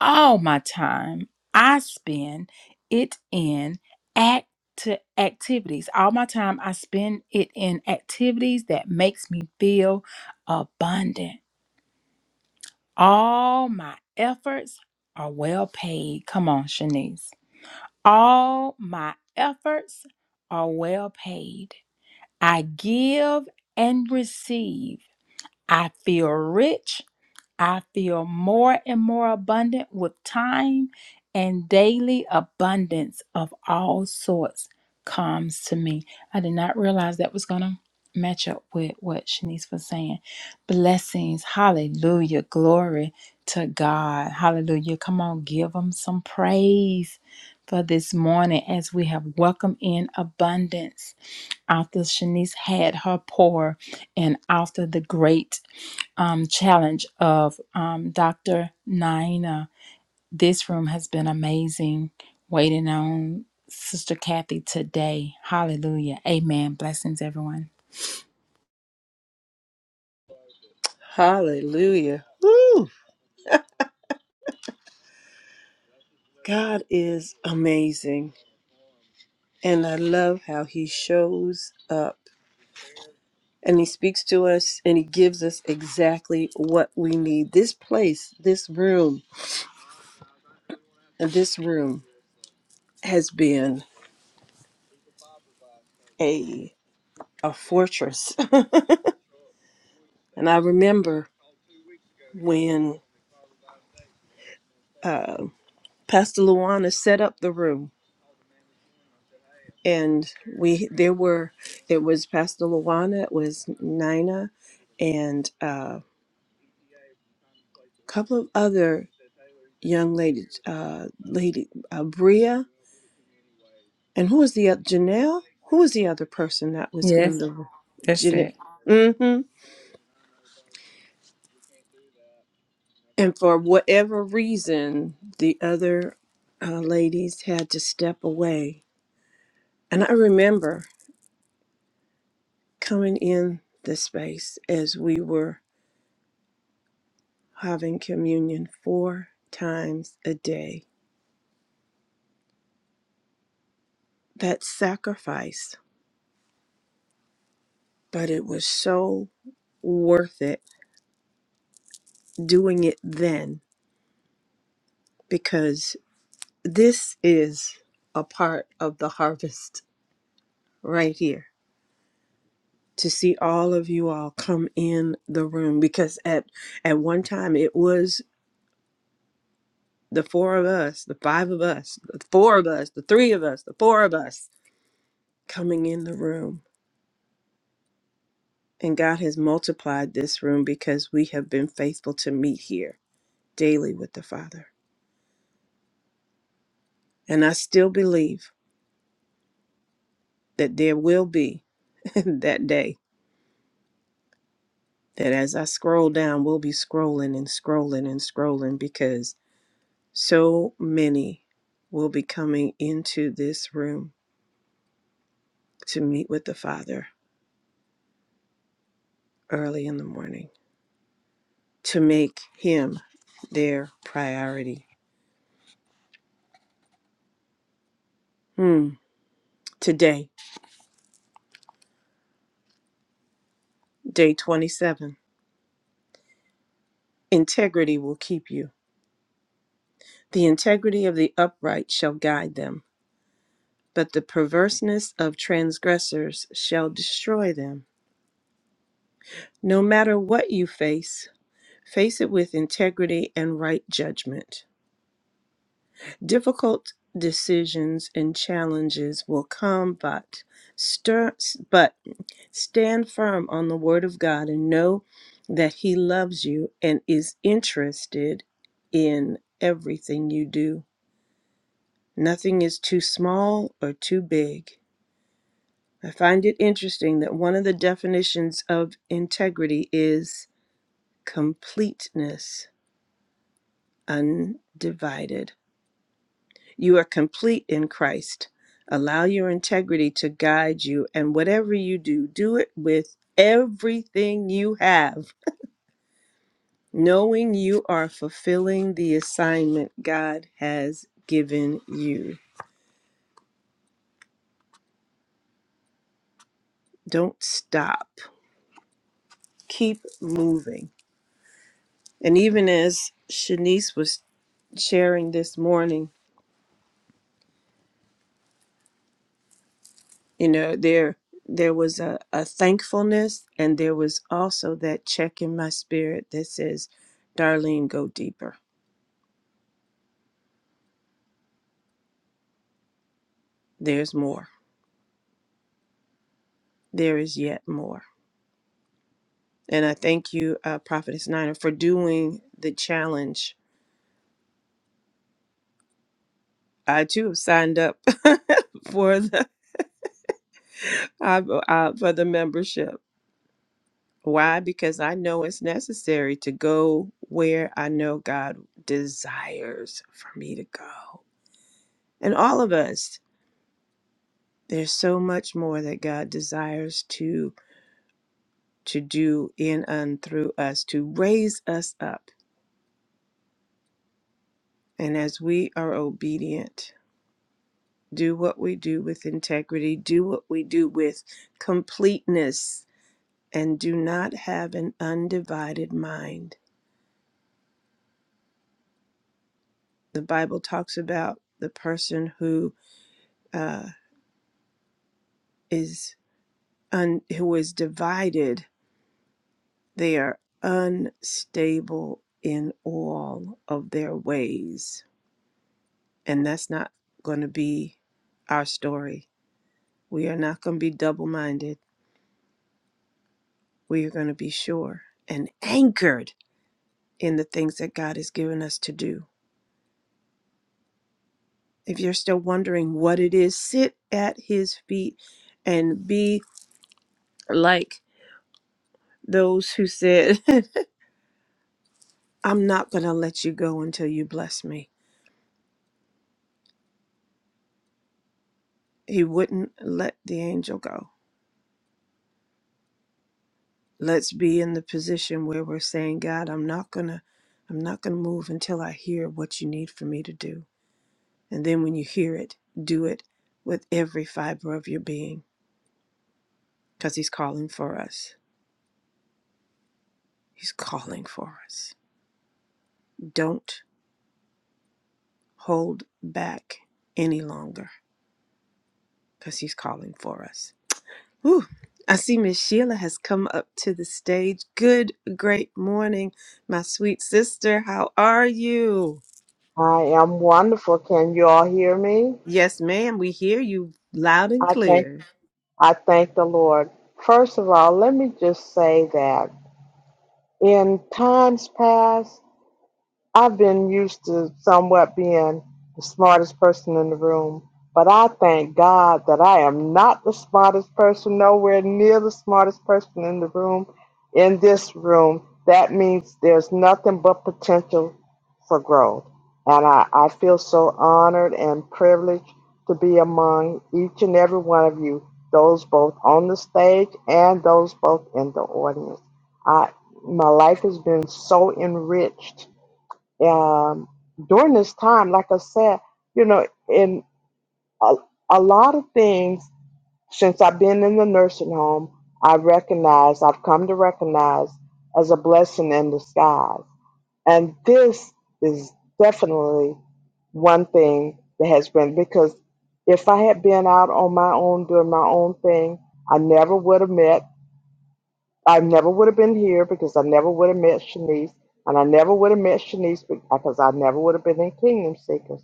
Speaker 5: All my time I spend it in act activities. All my time I spend it in activities that makes me feel abundant. All my efforts are well paid. Come on, Shanice. All my efforts are well paid. I give and receive. I feel rich I feel more and more abundant with time, and daily abundance of all sorts comes to me. I did not realize that was going to match up with what Shanice was saying. Blessings. Hallelujah. Glory to God. Hallelujah. Come on, give them some praise for this morning as we have welcomed in abundance after Shanice had her pour and after the great um, challenge of um, Dr. Naina. This room has been amazing. Waiting on Sister Kathy today. Hallelujah. Amen. Blessings, everyone.
Speaker 1: Hallelujah. Woo! God is amazing. And I love how he shows up and he speaks to us and he gives us exactly what we need. This place, this room, and this room has been a a fortress. And I remember when uh, Pastor Luana set up the room, and we there were it was Pastor Luana, it was Nina, and uh, a couple of other young ladies, uh, lady uh, Bria, and who was the other Janelle? Who was the other person that was in
Speaker 5: Yes,
Speaker 1: the room?
Speaker 5: that's
Speaker 1: Janelle?
Speaker 5: it.
Speaker 1: Mm-hmm. And for whatever reason, the other uh, ladies had to step away, and I remember. coming in this space as we were having communion four times a day. That sacrifice, but it was so worth it doing it then because this is a part of the harvest right here to see all of you all come in the room because at at one time it was the four of us the five of us the four of us the three of us the four of us coming in the room And God has multiplied this room because we have been faithful to meet here daily with the Father. And I still believe that there will be that day that as I scroll down, we'll be scrolling and scrolling and scrolling because so many will be coming into this room to meet with the Father early in the morning, to make Him their priority. Hmm. Today, day 27, integrity will keep you. The integrity of the upright shall guide them, but the perverseness of transgressors shall destroy them. No matter what you face, face it with integrity and right judgment. Difficult decisions and challenges will come, but stir, but stand firm on the word of God and know that he loves you and is interested in everything you do. Nothing is too small or too big. I find it interesting that one of the definitions of integrity is completeness, undivided. You are complete in Christ. Allow your integrity to guide you, and whatever you do, do it with everything you have, knowing you are fulfilling the assignment God has given you. Don't stop, keep moving. And even as Shanice was sharing this morning, you know there there was a, a thankfulness and there was also that check in my spirit that says darlene go deeper there's more there is yet more and i thank you uh, prophetess nina for doing the challenge i too have signed up for the uh, uh, for the membership why because i know it's necessary to go where i know god desires for me to go and all of us There's so much more that God desires to to do in and through us to raise us up. And as we are obedient, do what we do with integrity, do what we do with completeness, and do not have an undivided mind. The Bible talks about the person who uh, is un- who is divided. They are unstable in all of their ways And that's not going to be our story. We are not going to be double minded. We are going to be sure and anchored in the things that God has given us to do. If you're still wondering what it is, sit at his feet and be like those who said, I'm not going to let you go until you bless me. He wouldn't let the angel go. Let's be in the position where we're saying, God, I'm not going to I'm not going to move until I hear what you need for me to do. And then when you hear it, do it with every fiber of your being because He's calling for us. He's calling for us. Don't hold back any longer because He's calling for us. Whew. I see Miss Sheila has come up to the stage. Good, great morning, my sweet sister. How are you?
Speaker 6: I am wonderful. Can you all hear me?
Speaker 1: Yes, ma'am. We hear you loud and
Speaker 6: I thank
Speaker 1: clear.
Speaker 6: I thank the Lord. First of all, let me just say that in times past I've been used to somewhat being the smartest person in the room, but I thank God that I am not the smartest person, nowhere near the smartest person in the room, in this room. That means there's nothing but potential for growth. And I, I feel so honored and privileged to be among each and every one of you, those both on the stage and those both in the audience. I, my life has been so enriched um, during this time, like I said, you know, in a, a lot of things, since I've been in the nursing home, I recognize, I've come to recognize as a blessing in disguise. And this is definitely one thing that has been, because if I had been out on my own doing my own thing, I never would have met I never would have been here because I never would have met Shanice, and I never would have met Shanice because I never would have been in Kingdom Seekers.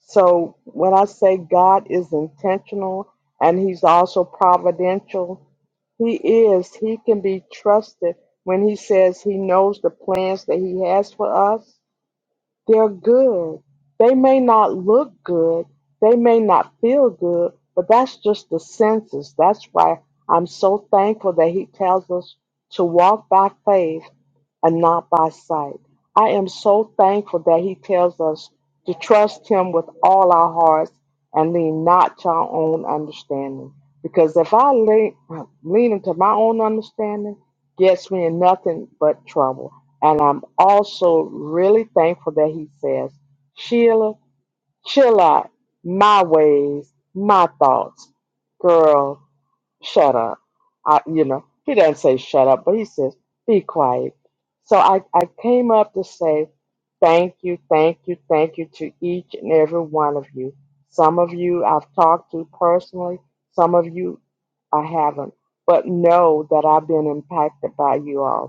Speaker 6: So when I say God is intentional and He's also providential, He is. He can be trusted when He says He knows the plans that He has for us they're good. They may not look good. They may not feel good, but that's just the senses. That's why I'm so thankful that He tells us to walk by faith and not by sight. I am so thankful that He tells us to trust Him with all our hearts and lean not to our own understanding. Because if I lean, lean into my own understanding, gets me in nothing but trouble. And I'm also really thankful that he says, Sheila, chill out. My ways, my thoughts. Girl, shut up. I, you know, he doesn't say shut up, but he says, be quiet. So I, I came up to say thank you, thank you, thank you to each and every one of you. Some of you I've talked to personally, some of you I haven't. But know that I've been impacted by you all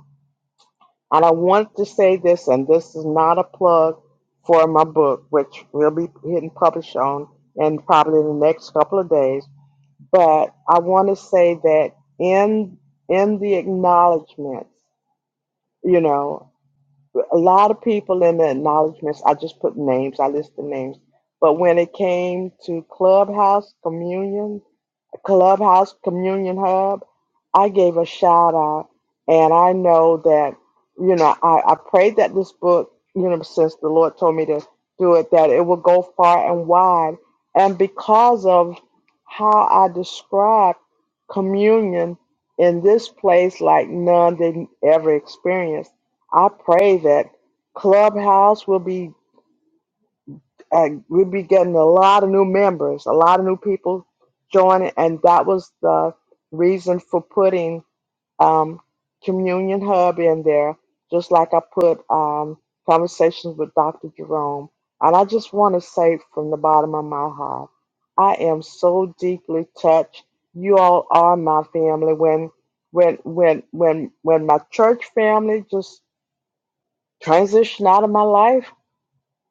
Speaker 6: and I wanted to say this, and this is not a plug for my book, which will be hitting publish on in probably the next couple of days. But I want to say that in in the acknowledgments, you know, a lot of people in the acknowledgments, I just put names, I listed names. But when it came to Clubhouse communion. Clubhouse Communion Hub, I gave a shout out. And I know that, you know, I, I prayed that this book, you know, since the Lord told me to do it, that it will go far and wide. And because of how I describe communion in this place, like none did ever experience, I pray that Clubhouse will be uh, we'd be getting a lot of new members, a lot of new people joining, and that was the reason for putting um, Communion Hub in there, just like I put um, Conversations with Dr. Jerome. And I just want to say from the bottom of my heart, I am so deeply touched. You all are my family. When when when when when my church family just transitioned out of my life,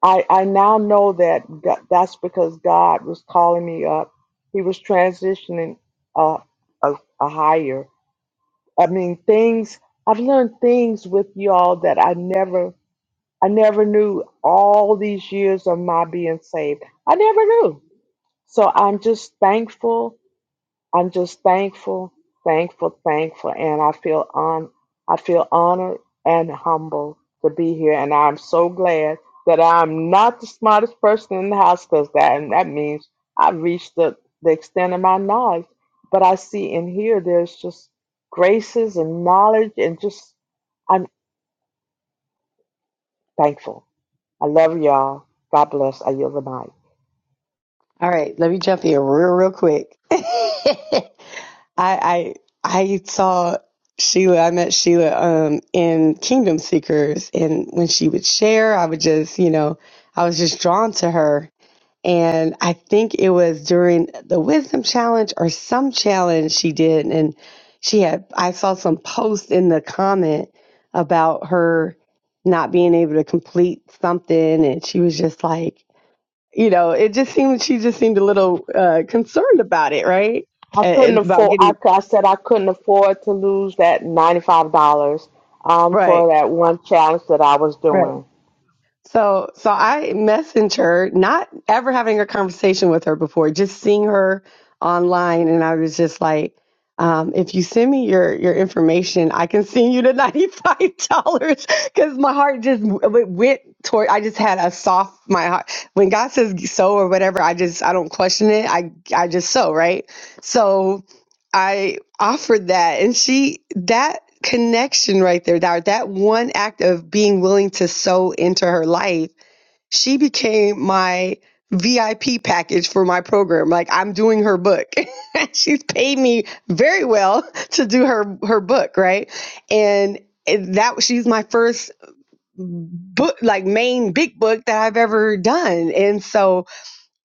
Speaker 6: I, I now know that Go- that's because God was calling me up. He was transitioning a, a, a higher. I mean, things I've learned things with y'all that I never I never knew all these years of my being saved. I never knew. So I'm just thankful I'm just thankful, thankful, thankful, and I feel on I feel honored and humbled to be here, and I'm so glad that I'm not the smartest person in the house because that and that means I've reached the, the extent of my knowledge. But I see in here there's just graces and knowledge, and just I'm thankful. I love y'all. God bless. I yield the mic.
Speaker 4: All right, let me jump in real, real quick. I I I saw Sheila. I met Sheila um in Kingdom Seekers, and when she would share, I would just you know I was just drawn to her. And I think it was during the Wisdom Challenge or some challenge she did, and she had I saw some post in the comment about her not being able to complete something, and she was just like you know, it just seemed she just seemed a little uh, concerned about it, right?
Speaker 6: I
Speaker 4: And,
Speaker 6: couldn't
Speaker 4: and about
Speaker 6: afford. I,
Speaker 4: getting
Speaker 6: cou- I said I couldn't afford to lose that ninety-five dollars um,
Speaker 4: right,
Speaker 6: for that one challenge that I was
Speaker 4: right.
Speaker 6: doing.
Speaker 4: So, so I messaged her, not ever having a conversation with her before, just seeing her online, and I was just like, um, "If you send me your your information, I can send you the ninety five dollars." Because my heart just w- w- went toward. I just had a soft my heart when God says so or whatever. I just I don't question it. I I just so right. So I offered that and she that connection right there that that one act of being willing to sow into her life she became my VIP package for my program like I'm doing her book she's paid me very well to do her her book right and that she's my first book like main big book that I've ever done and so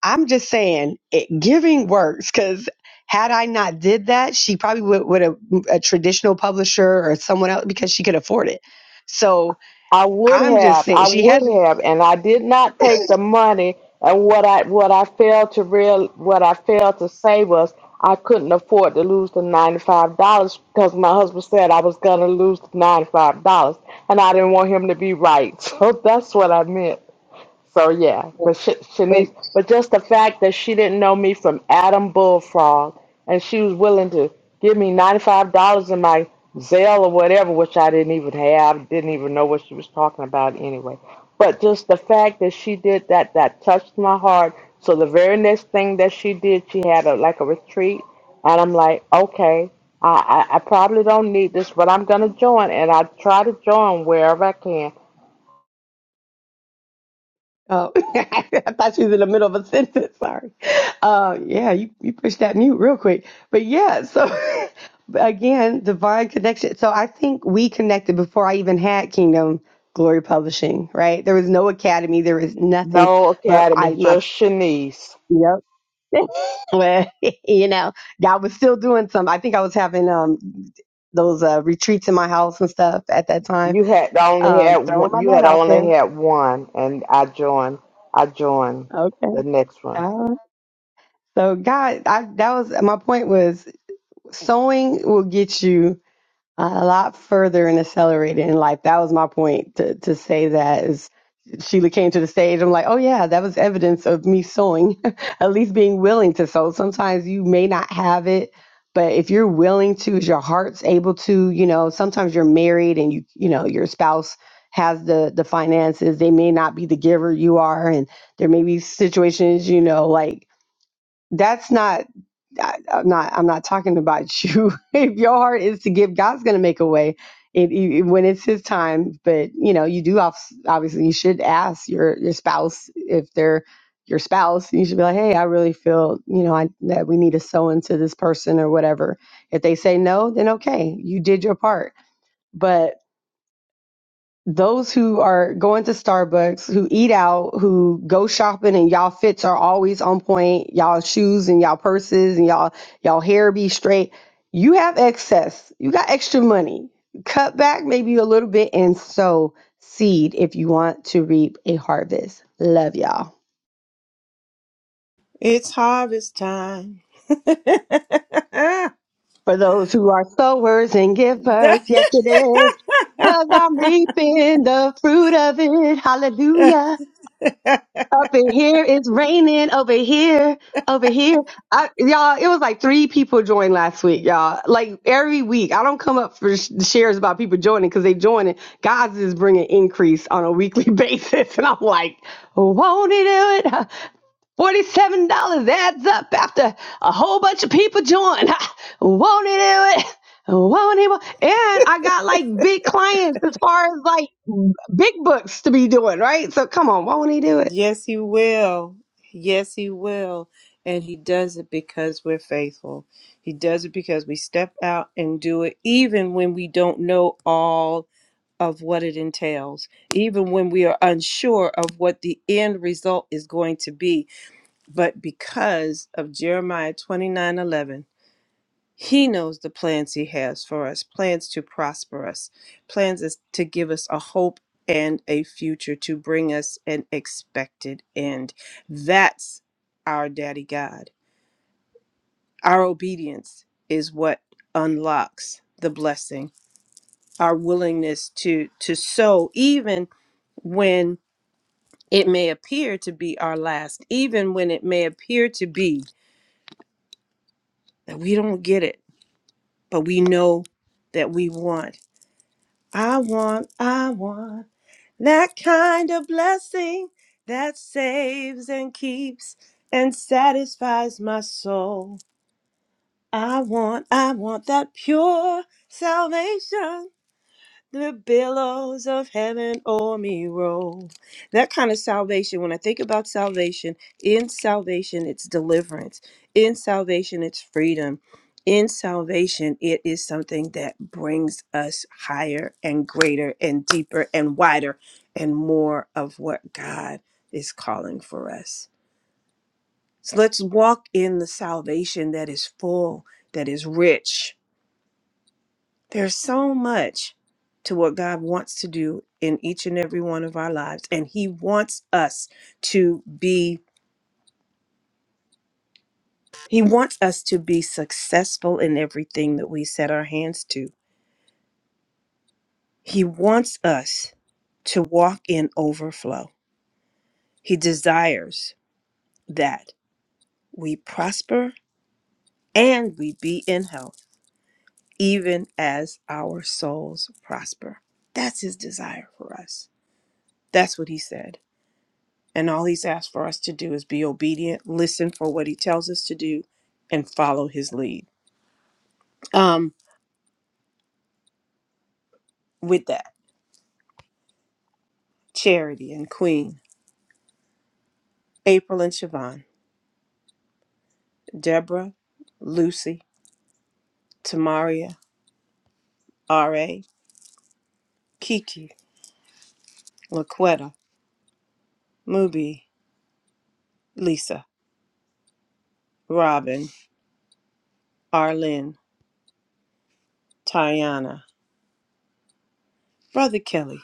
Speaker 4: I'm just saying it, giving works because had I not did that, she probably would would have a traditional publisher or someone else because she could afford it. So
Speaker 6: I would
Speaker 4: I'm just
Speaker 6: have.
Speaker 4: saying
Speaker 6: I
Speaker 4: she had
Speaker 6: would
Speaker 4: to.
Speaker 6: have, and I did not take the money. And what I what I failed to real what I failed to say was I couldn't afford to lose the ninety-five dollars because my husband said I was gonna lose the ninety-five dollars, and I didn't want him to be right. So that's what I meant. So yeah, but Sh-
Speaker 4: But
Speaker 6: Shanice, but just the fact that she didn't know me from Adam Bullfrog, and she was willing to give me ninety five dollars in my Zelle or whatever, which I didn't even have, didn't even know what she was talking about anyway. But just the fact that she did that, that touched my heart. So the very next thing that she did, she had a, like a retreat, and I'm like, okay, I, I, I probably don't need this, but I'm gonna join, and I try to join wherever I can.
Speaker 4: oh, I thought she was in the middle of a sentence. Sorry. Uh, yeah, you you pushed that mute real quick. But yeah, so but again, divine connection. So I think we connected before I even had Kingdom Glory Publishing. Right? There was no academy. There was nothing.
Speaker 6: No
Speaker 4: But I
Speaker 6: academy,
Speaker 4: my
Speaker 6: just Shanice.
Speaker 4: yep well, you know, I was still doing some. I think I was having um those uh, retreats in my house and stuff at that time.
Speaker 6: You had only
Speaker 4: Um,
Speaker 6: had
Speaker 4: throwing
Speaker 6: one.
Speaker 4: my
Speaker 6: You
Speaker 4: net
Speaker 6: had
Speaker 4: out there.
Speaker 6: only had one, and I joined. I joined
Speaker 4: Okay.
Speaker 6: the next one.
Speaker 4: All right. So God, I, that was my point was sowing will get you. a lot further and accelerated in life. That was my point to, to say that is Sheila came to the stage. I'm like, oh yeah, that was evidence of me sewing, at least being willing to sew. Sometimes you may not have it, but if you're willing to, is your heart's able to, you know, sometimes you're married and you, you know, your spouse has the the finances. They may not be the giver you are, and there may be situations, you know, like that's not I, I'm not. I'm not talking about you. if your heart is to give, God's going to make a way. It, it, when it's His time, but you know, you do obs- obviously you should ask your your spouse if they're your spouse. You should be like, hey, I really feel you know I, that we need to sow into this person or whatever. If they say no, then okay, you did your part. but those who are going to Starbucks, who eat out, who go shopping and y'all fits are always on point, y'all shoes and y'all purses and y'all y'all hair be straight. You have excess. You got extra money. Cut back maybe a little bit and sow seed if you want to reap a harvest. Love y'all.
Speaker 1: It's harvest time.
Speaker 4: For those who are sowers and givers,
Speaker 1: That-
Speaker 4: yes it is. Cause I'm reaping the fruit of it. Hallelujah. Up in here, it's raining over here, over here. I, y'all, it was like three people joined last week, y'all. Like every week, I don't come up for sh- shares about people joining because they joining. God's is bringing increase on a weekly basis, and I'm like, won't he do it? Forty-seven dollars adds up after a whole bunch of people join. won't he do it? Won't he? Won't. And I got like big clients as far as like big books to be doing, right? So come on, won't he do it?
Speaker 1: yes, he will. Yes, he will. And he does it because we're faithful. He does it because we step out and do it, even when we don't know all of what it entails, even when we are unsure of what the end result is going to be. But because of Jeremiah 29 11, he knows the plans he has for us plans to prosper us, plans is to give us a hope and a future, to bring us an expected end. That's our daddy God. Our obedience is what unlocks the blessing, our willingness to, to sow, even when It may appear to be our last, even when it may appear to be that we don't get it, but we know that we want. I want, I want that kind of blessing that saves and keeps and satisfies my soul. I want, I want that pure salvation The billows of heaven o'er me roll. That kind of salvation, when I think about salvation, in salvation it's deliverance. In salvation it's freedom. In salvation it is something that brings us higher and greater and deeper and wider and more of what God is calling for us. So let's walk in the salvation that is full, that is rich there's so much to what God wants to do in each and every one of our lives and he wants us to be he wants us to be successful in everything that we set our hands to. He wants us to walk in overflow. He desires that we prosper and we be in health even as our souls prosper. That's his desire for us. That's what he said. And all he's asked for us to do is be obedient, listen for what he tells us to do, and follow his lead. Um, with that, Charity and Queen, April and Siobhan, Deborah, Lucy, Tamaria, R.A., Kiki, Laquetta, Mubi, Lisa, Robin, Arlene, Tayana, Brother Kelly.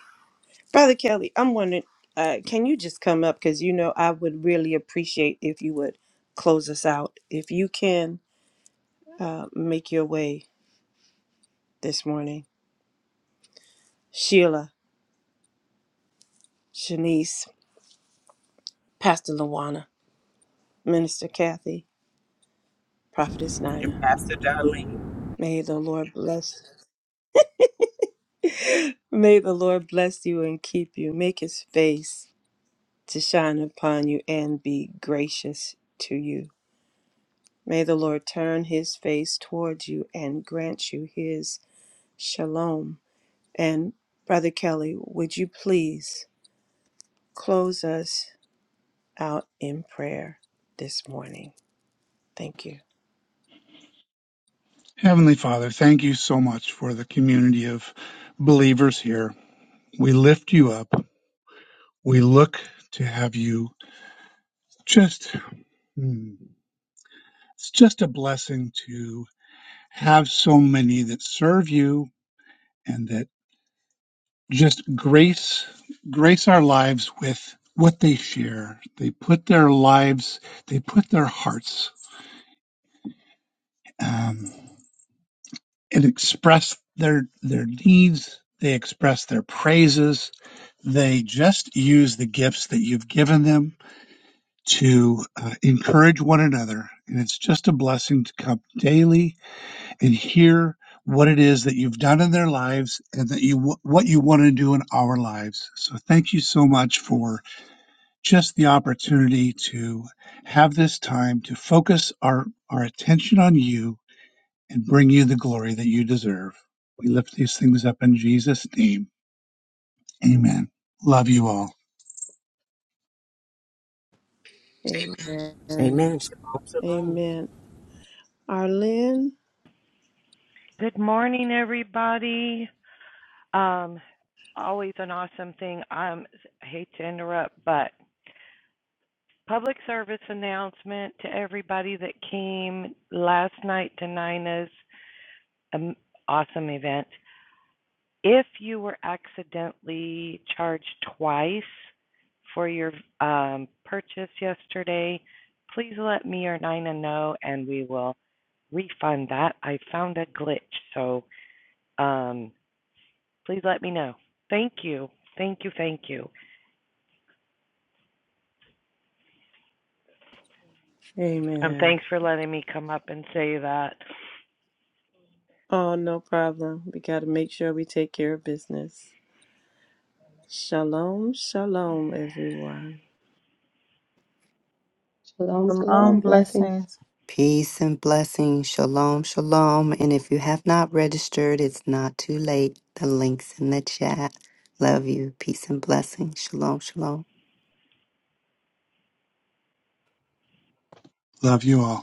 Speaker 1: Brother Kelly, I'm wondering, uh, can you just come up? Because you know, I would really appreciate if you would close us out. If you can, uh, make your way this morning. Sheila, Shanice, Pastor Lawana, Minister Kathy, Prophetess Nina. May the Lord bless. May the Lord bless you and keep you. Make His face to shine upon you and be gracious to you. May the Lord turn His face towards you and grant you His shalom. And Brother Kelly, would you please close us out in prayer this morning? Thank you.
Speaker 7: Heavenly Father, thank you so much for the community of believers here. We lift you up. We look to have you just, hmm, it's just a blessing to have so many that serve you and that just grace, grace our lives with what they share. They put their lives, they put their hearts, um, and express their, their needs. They express their praises They just use the gifts that you've given them to uh, encourage one another. And it's just a blessing to come daily and hear what it is that you've done in their lives and that you what you want to do in our lives. So thank you so much for just the opportunity to have this time to focus our our attention on you and bring you the glory that you deserve. We lift these things up in Jesus' name. Amen. Love you all.
Speaker 1: Amen. Amen. Arlene?
Speaker 8: Good morning, everybody. Um, always an awesome thing. Um, I hate to interrupt, but public service announcement to everybody that came last night to Nina's um, awesome event. If you were accidentally charged twice for your um, purchase yesterday, please let me or Nina know, and we will refund that. I found a glitch, so. Um, please let me know. Thank you. Thank you. Thank you. And
Speaker 1: Amen.
Speaker 8: thanks for letting me come up and say that.
Speaker 1: Oh, no problem. We got to make sure we take care of business. Shalom, shalom, everyone.
Speaker 4: Shalom, shalom.
Speaker 5: Shalom
Speaker 4: Blessings.
Speaker 5: blessings.
Speaker 3: Peace and blessings. Shalom, shalom. And if you have not registered, it's not too late. The link's in the chat. Love you. Peace and blessings. Shalom, shalom.
Speaker 7: Love you all.